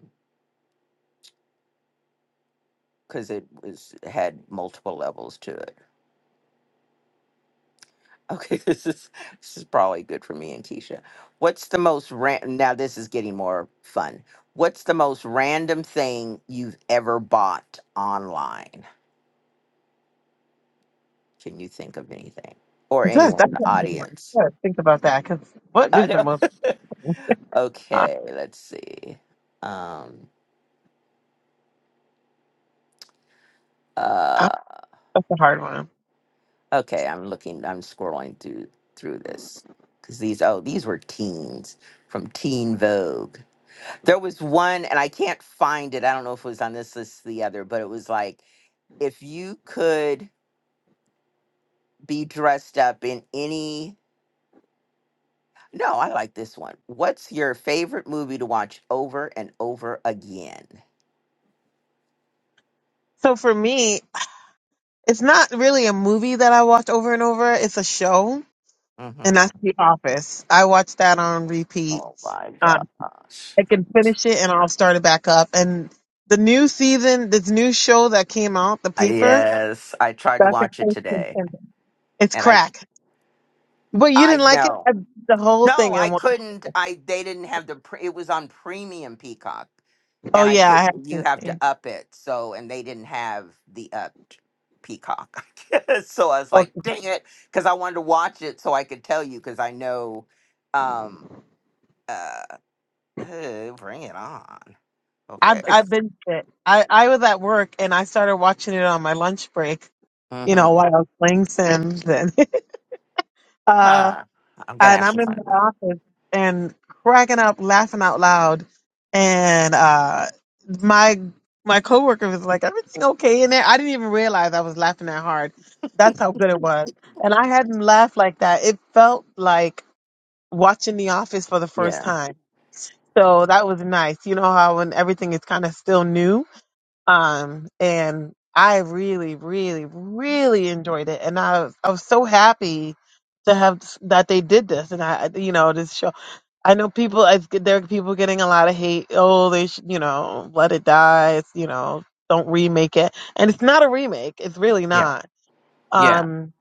A: because it was it had multiple levels to it. Okay, this is this is probably good for me and Keisha. What's the most ran? Now this is getting more fun. What's the most random thing you've ever bought online? Can you think of anything or
B: it does.
A: anyone in
B: That's
A: the
B: what I want.
A: audience?
B: Yeah, think about that. Because what
A: I
B: is the
A: know.
B: most? uh,
A: Okay, let's see. Um, uh,
B: That's a hard one.
A: Okay, I'm looking, I'm scrolling through through this because these oh these were teens from Teen Vogue. There was one, and I can't find it. I don't know if it was on this list or the other, but it was like if you could be dressed up in any. No, I like this one. What's your favorite movie to watch over and over again?
B: So for me, it's not really a movie that I watch over and over. It's a show, and
A: hmm
B: that's The Office. I watch that on repeat.
A: Oh my
B: Um,
A: gosh!
B: I can finish it and I'll start it back up. And the new season, this new show that came out, The
A: I-
B: Paper,
A: Yes, I tried to
B: that's
A: watch it
B: expensive.
A: today,
B: It's
A: and I
B: crack. But you
A: I
B: didn't like it?
A: know.
B: I, the whole
A: No,
B: thing
A: I
B: in one.
A: couldn't. I they didn't have the. Pre, it was on premium Peacock,
B: Oh
A: and I
B: yeah, I
A: could.
B: have
A: You
B: to.
A: have to
B: see.
A: up it. So and they didn't have the upped Peacock. so I was like, dang it, because I wanted to watch it so I could tell you because I know. Um. Uh. uh, Bring it on. Okay.
B: I've I've been it. I I was at work and I started watching it on my lunch break. You know,
A: Mm-hmm.
B: while I was playing Sims and uh
A: Huh. I'm gonna
B: and
A: have
B: I'm
A: to
B: in my
A: find one.
B: office and cracking up, laughing out loud, and uh my my coworker was like, "Everything okay in there?" I didn't even realize I was laughing that hard. That's how good it was, and I hadn't laughed like that. It felt like watching The Office for the first
A: Yeah.
B: time. So that was nice. You know how when everything is kind of still new um, and I really, really, really enjoyed it. And I, was- I was so happy to have that they did this. And I, you know, this show, I know people, I, there are people getting a lot of hate. Oh, they should, you know, let it die. It's, you know, don't remake it. And it's not a remake. It's really
A: Yeah.
B: not.
A: Yeah.
B: Um,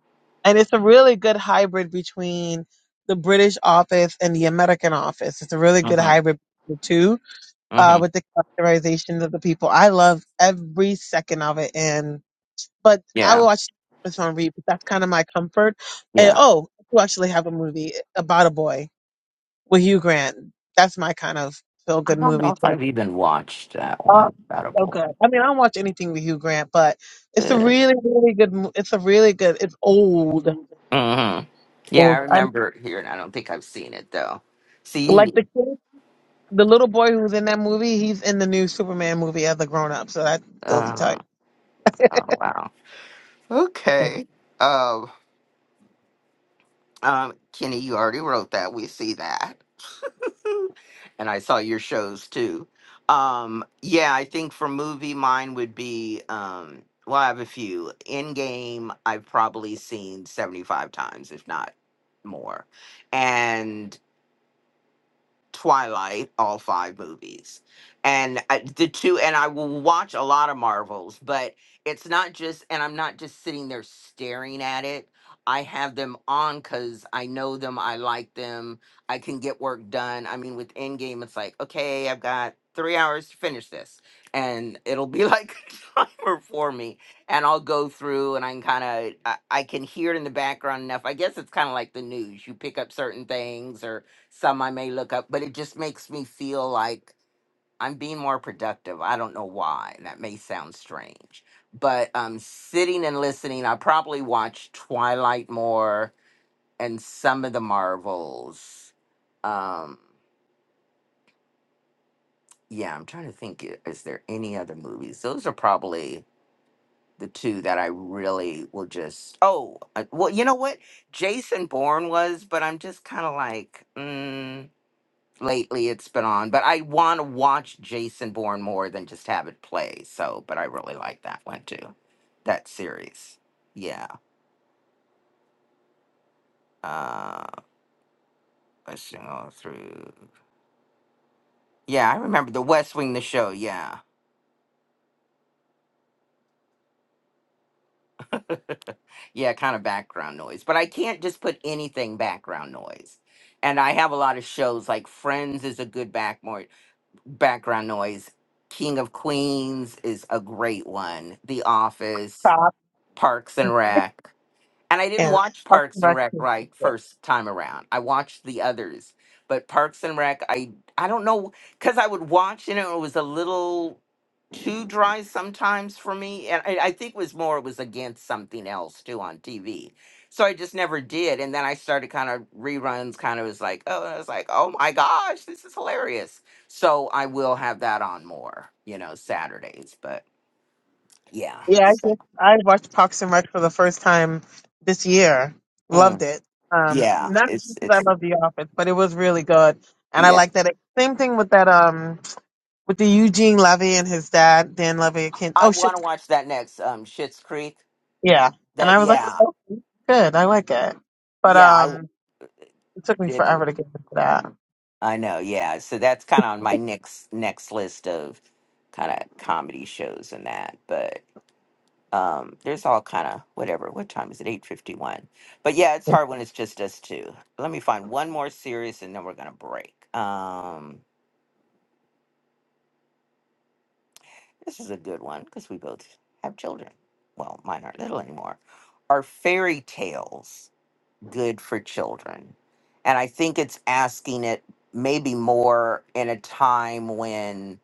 B: and it's a really good hybrid between the British office and the American office. It's a really good
A: Mm-hmm.
B: hybrid, of the two uh,
A: Mm-hmm.
B: with the characterizations of the people. I love every second of it. And but I
A: Yeah.
B: watch this on repeat. That's kind of my comfort. And
A: Yeah.
B: oh, we actually have a movie about a boy with Hugh Grant. That's my kind of feel
A: I
B: good
A: don't know
B: movie
A: if
B: too.
A: I've even watched that
B: Oh,
A: one.
B: so
A: Edible.
B: good. I mean, I don't watch anything with Hugh Grant, but it's a really, really good. mo- It's a really good. It's old.
A: hmm Yeah, I
B: old. I'm
A: remember it here, and I don't think I've seen it though. See, you
B: like
A: need.
B: the kid, the little boy who's in that movie. He's in the new Superman movie as a grown up. So that goes to tell
A: Uh, oh wow.
B: you.
A: Okay. Um, um, Kenny, you already wrote that. We see that, and I saw your shows too. Um, yeah, I think for movie, mine would be. Um, well, I have a few. In game, I've probably seen seventy-five times, if not more, and. Twilight, all five movies, and I, the two, and I will watch a lot of Marvels, but it's not just, and I'm not just sitting there staring at it. I have them on because I know them, I like them, I can get work done. I mean, with Endgame, it's like, okay, I've got three hours to finish this, and it'll be like a timer for me, and I'll go through and I can kind of, I, I can hear it in the background enough. I guess it's kind of like the news. You pick up certain things or some I may look up, but it just makes me feel like I'm being more productive. I don't know why. That may sound strange, but um, sitting and listening, I probably watch Twilight more and some of the Marvels. Um, yeah, I'm trying to think. i- Is there any other movies? Those are probably the two that I really will just. Oh, uh, well, you know what? Jason Bourne was, but I'm just kind of like. mm, lately it's been on, but I want to watch Jason Bourne more than just have it play. So, but I really like that one too, that series. Yeah. Uh, let's see, all through. Yeah, I remember the West Wing, the show. Yeah. yeah, kind of background noise, but I can't just put anything background noise. And I have a lot of shows like Friends is a good back more background noise. King of Queens is a great one. The Office,
B: Top.
A: Parks and Rec. And I didn't
B: Yeah,
A: watch
B: Parks
A: Parks
B: and
A: and
B: Rec.
A: Rec right first time around. I watched the others, but Parks and Rec, I I don't know because I would watch it and it was a little too dry sometimes for me, and I, I think it was more it was against something else too on TV. So I just never did, and then I started kind of reruns. Kind of was like, oh, I was like, oh my gosh, this is hilarious. So I will have that on more, you know, Saturdays. But yeah,
B: Yeah, I
A: so-
B: just I watched Parks and Rec for the first time this year.
A: mm,
B: Loved it. Um,
A: yeah,
B: not
A: it's
B: because I
A: it's
B: love The Office, but it was really good, and I
A: yeah.
B: like that. It, same thing with that. Um, with the Eugene Levy and his dad, Dan Levy. I Can't,
A: I
B: oh
A: want to
B: shit.
A: watch that next um Shit's Creek.
B: Yeah, and
A: That
B: I was like,
A: yeah.
B: oh, okay, good. I like it, but
A: Yeah, I
B: um, it took me
A: did
B: forever to get into that.
A: I know. Yeah. So that's kind of on my next next list of kind of comedy shows and that, but um there's all kind of whatever. What time is it? 8:51. But yeah, it's hard when it's just us two. Let me find one more series and then we're going to break. Um this is a good one cuz we both have children. Well, mine aren't little anymore. Are fairy tales. good for children. And I think it's asking it maybe more in a time when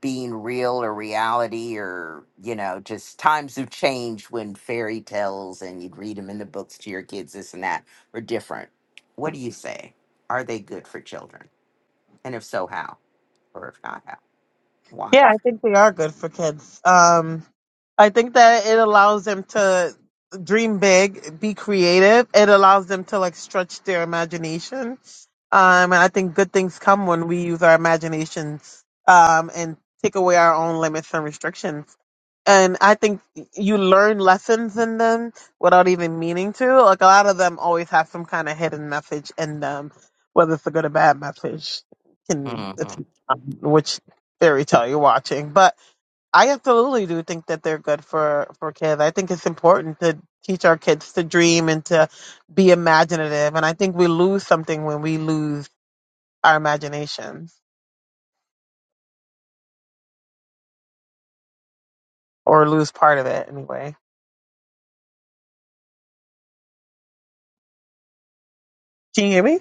A: being real or reality or, you know, just times have changed when fairy tales and you'd read them in the books to your kids, this and that, were different. What do you say? Are they good for children? And if so, how? Or if not, how? Why?
B: Yeah, I think they are good for kids. Um, I think that it allows them to dream big, be creative. It allows them to like stretch their imagination. Um, and I think good things come when we use our imagination um, and take away our own limits and restrictions and I think you learn lessons in them without even meaning to. Like a lot of them always have some kind of hidden message in them, whether it's a good or bad message, can
A: Mm-hmm.
B: depend on which fairy tale you're watching. But I absolutely do think that they're good for for kids. I think it's important to teach our kids to dream and to be imaginative. And I think we lose something when we lose our imaginations or lose part of it anyway. Can you hear me?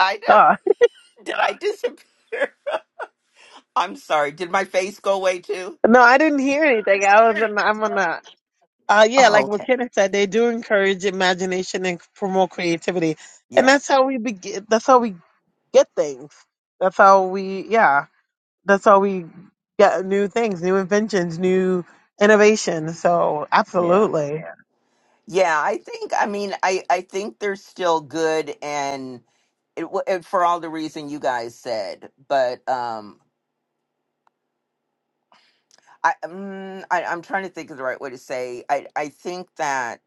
A: I did I disappear? I'm sorry. Did my face go away too?
B: No, I didn't hear anything. I was in, I'm on the uh yeah,
A: Oh,
B: like what
A: okay.
B: Kenneth said, they do encourage imagination and promote creativity. And
A: Yeah.
B: that's how we begin that's how we get things. That's how we yeah, that's how we get new things, new inventions, new innovation. So
A: Yeah.
B: absolutely.
A: Yeah, I think. I mean, I I think they're still good, and it, w- it for all the reason you guys said. But um, I, um, I I'm trying to think of the right way to say. I I think that.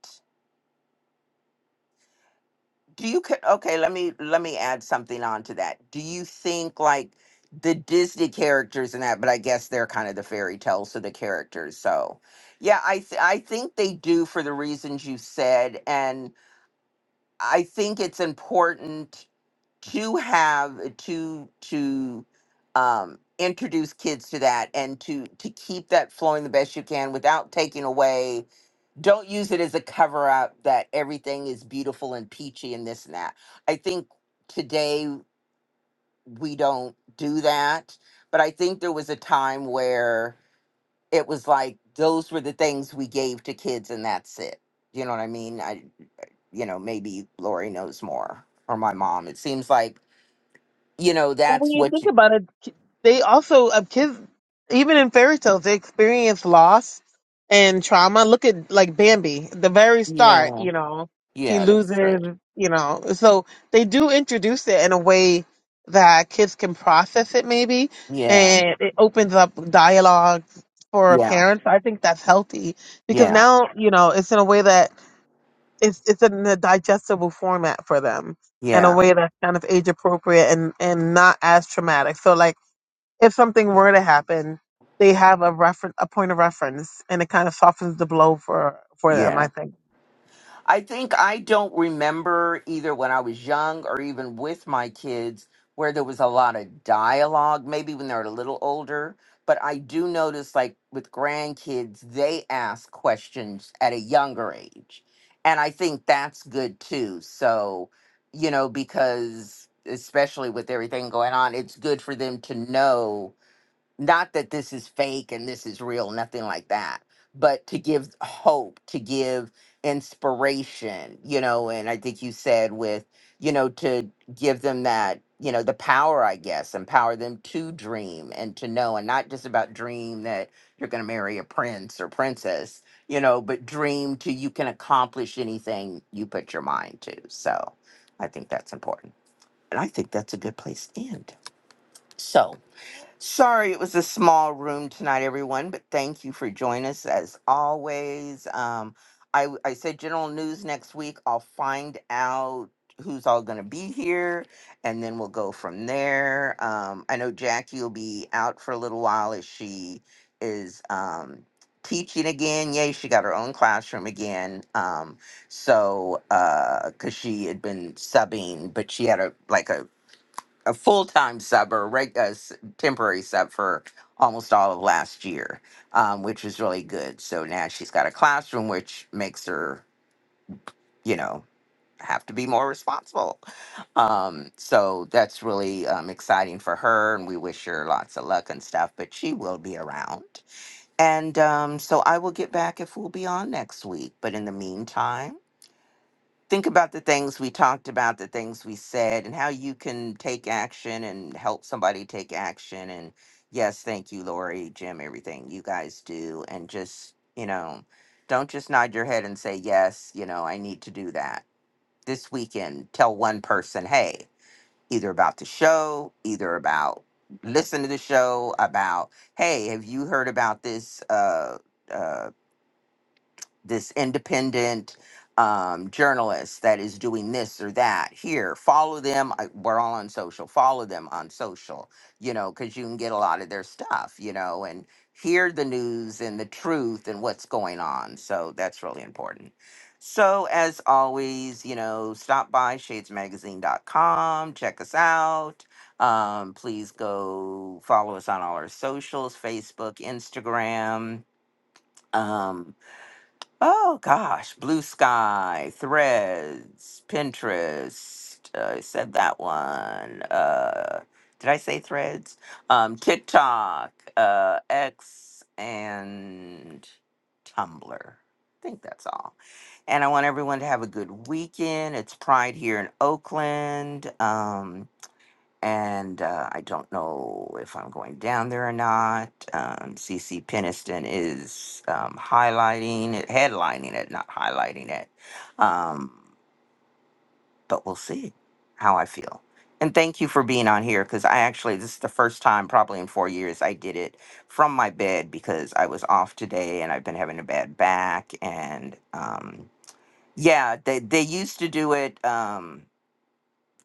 A: Do you ca- okay? Let me let me add something on to that. Do you think like the Disney characters and that? But I guess they're kind of the fairy tales of the characters. So, yeah, I th- I think they do for the reasons you said, I think it's important to have to to um, introduce kids to that and to to keep that flowing the best you can without taking away. Don't use it as a cover up that everything is beautiful and peachy and this and that. I think today we don't do that, but I think there was a time where it was like those were the things we gave to kids and that's it. You know what I mean? you know, maybe Lori knows more or my mom. It seems like, you know,
B: Well, when
A: that's
B: you
A: what
B: think
A: you,
B: about it, ki- they also uh, kids, even in fairy tales, they experience loss and trauma. Look at like Bambi, the very start,
A: yeah,
B: you know, he
A: yeah, that's right.
B: loses, you know, so they do introduce it in a way that kids can process it, maybe,
A: Yeah,
B: and it opens up dialogue for
A: yeah,
B: parents. I think that's healthy because
A: yeah,
B: now, you know, it's in a way that it's it's in a digestible format for them in a
A: yeah,
B: way that's kind of age appropriate and and not as traumatic. So like if something were to happen, they have a reference a point of reference and it kind of softens the blow for for
A: yeah,
B: them, I think.
A: I think I don't remember either when I was young or even with my kids where there was a lot of dialogue, maybe when they're a little older. But I do notice, like with grandkids, they ask questions at a younger age. And I think that's good too. So, you know, because especially with everything going on, it's good for them to know not that this is fake and this is real, nothing like that, but to give hope, to give inspiration, you know, and I think you said with, you know, to give them that, you know, the power, I guess, empower them to dream and to know, and not just about dream that you're going to marry a prince or princess, you know, but dream to you can accomplish anything you put your mind to. So I think that's important. And I think that's a good place to end. So, Sorry, it was a small room tonight, everyone, but thank you for joining us as always. Um, I, w- I said general news next week. I'll find out who's all going to be here, and then we'll go from there. Um, I know Jackie will be out for a little while as she is um, teaching again. Yay, she got her own classroom again. Um, so, because she had been subbing, but she had a like a a full time sub or reg- a s- temporary sub for almost all of last year, um, which was really good. So now she's got a classroom, which makes her, you know, have to be more responsible. Um, so that's really um, exciting for her, and we wish her lots of luck and stuff. But she will be around, and um, so I will get back if we'll be on next week. But in the meantime think about the things we talked about, the things we said, and how you can take action and help somebody take action. And yes, thank you, Lori, Jim, everything you guys do. And just, you know, don't just nod your head and say, yes, you know, I need to do that. This weekend, tell one person, hey, either about the show, either about listen to the show, about, hey, have you heard about this? Uh, uh, this independent um, journalist that is doing this or that here follow them I, we're all on social follow them on social you know because you can get a lot of their stuff you know and hear the news and the truth and what's going on so that's really important so as always you know stop by shadesmagazine.com check us out um, please go follow us on all our socials facebook instagram um, Oh gosh, Blue Sky, Threads, Pinterest. uh, I said that one. Uh, did I say Threads? Um, TikTok, uh, X, and Tumblr. I think that's all. And I want everyone to have a good weekend. It's Pride here in Oakland. Um, and uh, I don't know if I'm going down there or not. Um, CC Peniston is um, highlighting it, headlining it, not highlighting it. Um, but we'll see how I feel. And thank you for being on here because I actually, this is the first time probably in four years I did it from my bed because I was off today and I've been having a bad back. And um, yeah, they, they used to do it. Um,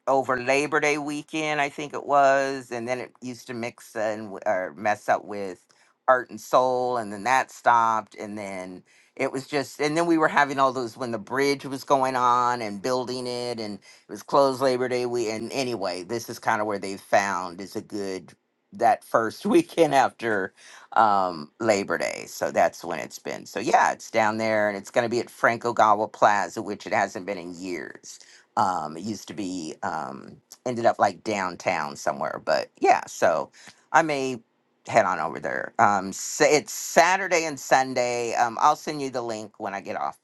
A: over Labor Day weekend, I think it was, and then it used to mix and w- or mess up with Art and Soul, and then that stopped, and then it was just, and then we were having all those when the bridge was going on and building it, and it was closed Labor Day we And anyway, this is kind of where they found is a good that first weekend after um Labor Day. So that's when it's been. So yeah, it's down there and it's going to be at Frank Ogawa Plaza, which it hasn't been in years. Um, it used to be um, ended up like downtown somewhere, but yeah. So I may head on over there. Um, sa it's Saturday and Sunday. Um, I'll send you the link when I get off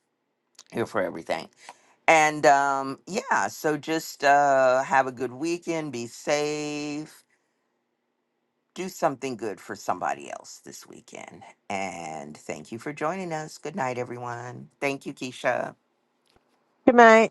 A: here for everything. And um, yeah, so just uh, have a good weekend. Be safe. Do something good for somebody else this weekend. And thank you for joining us. Good night, everyone. Thank you, Keisha.
B: Good night.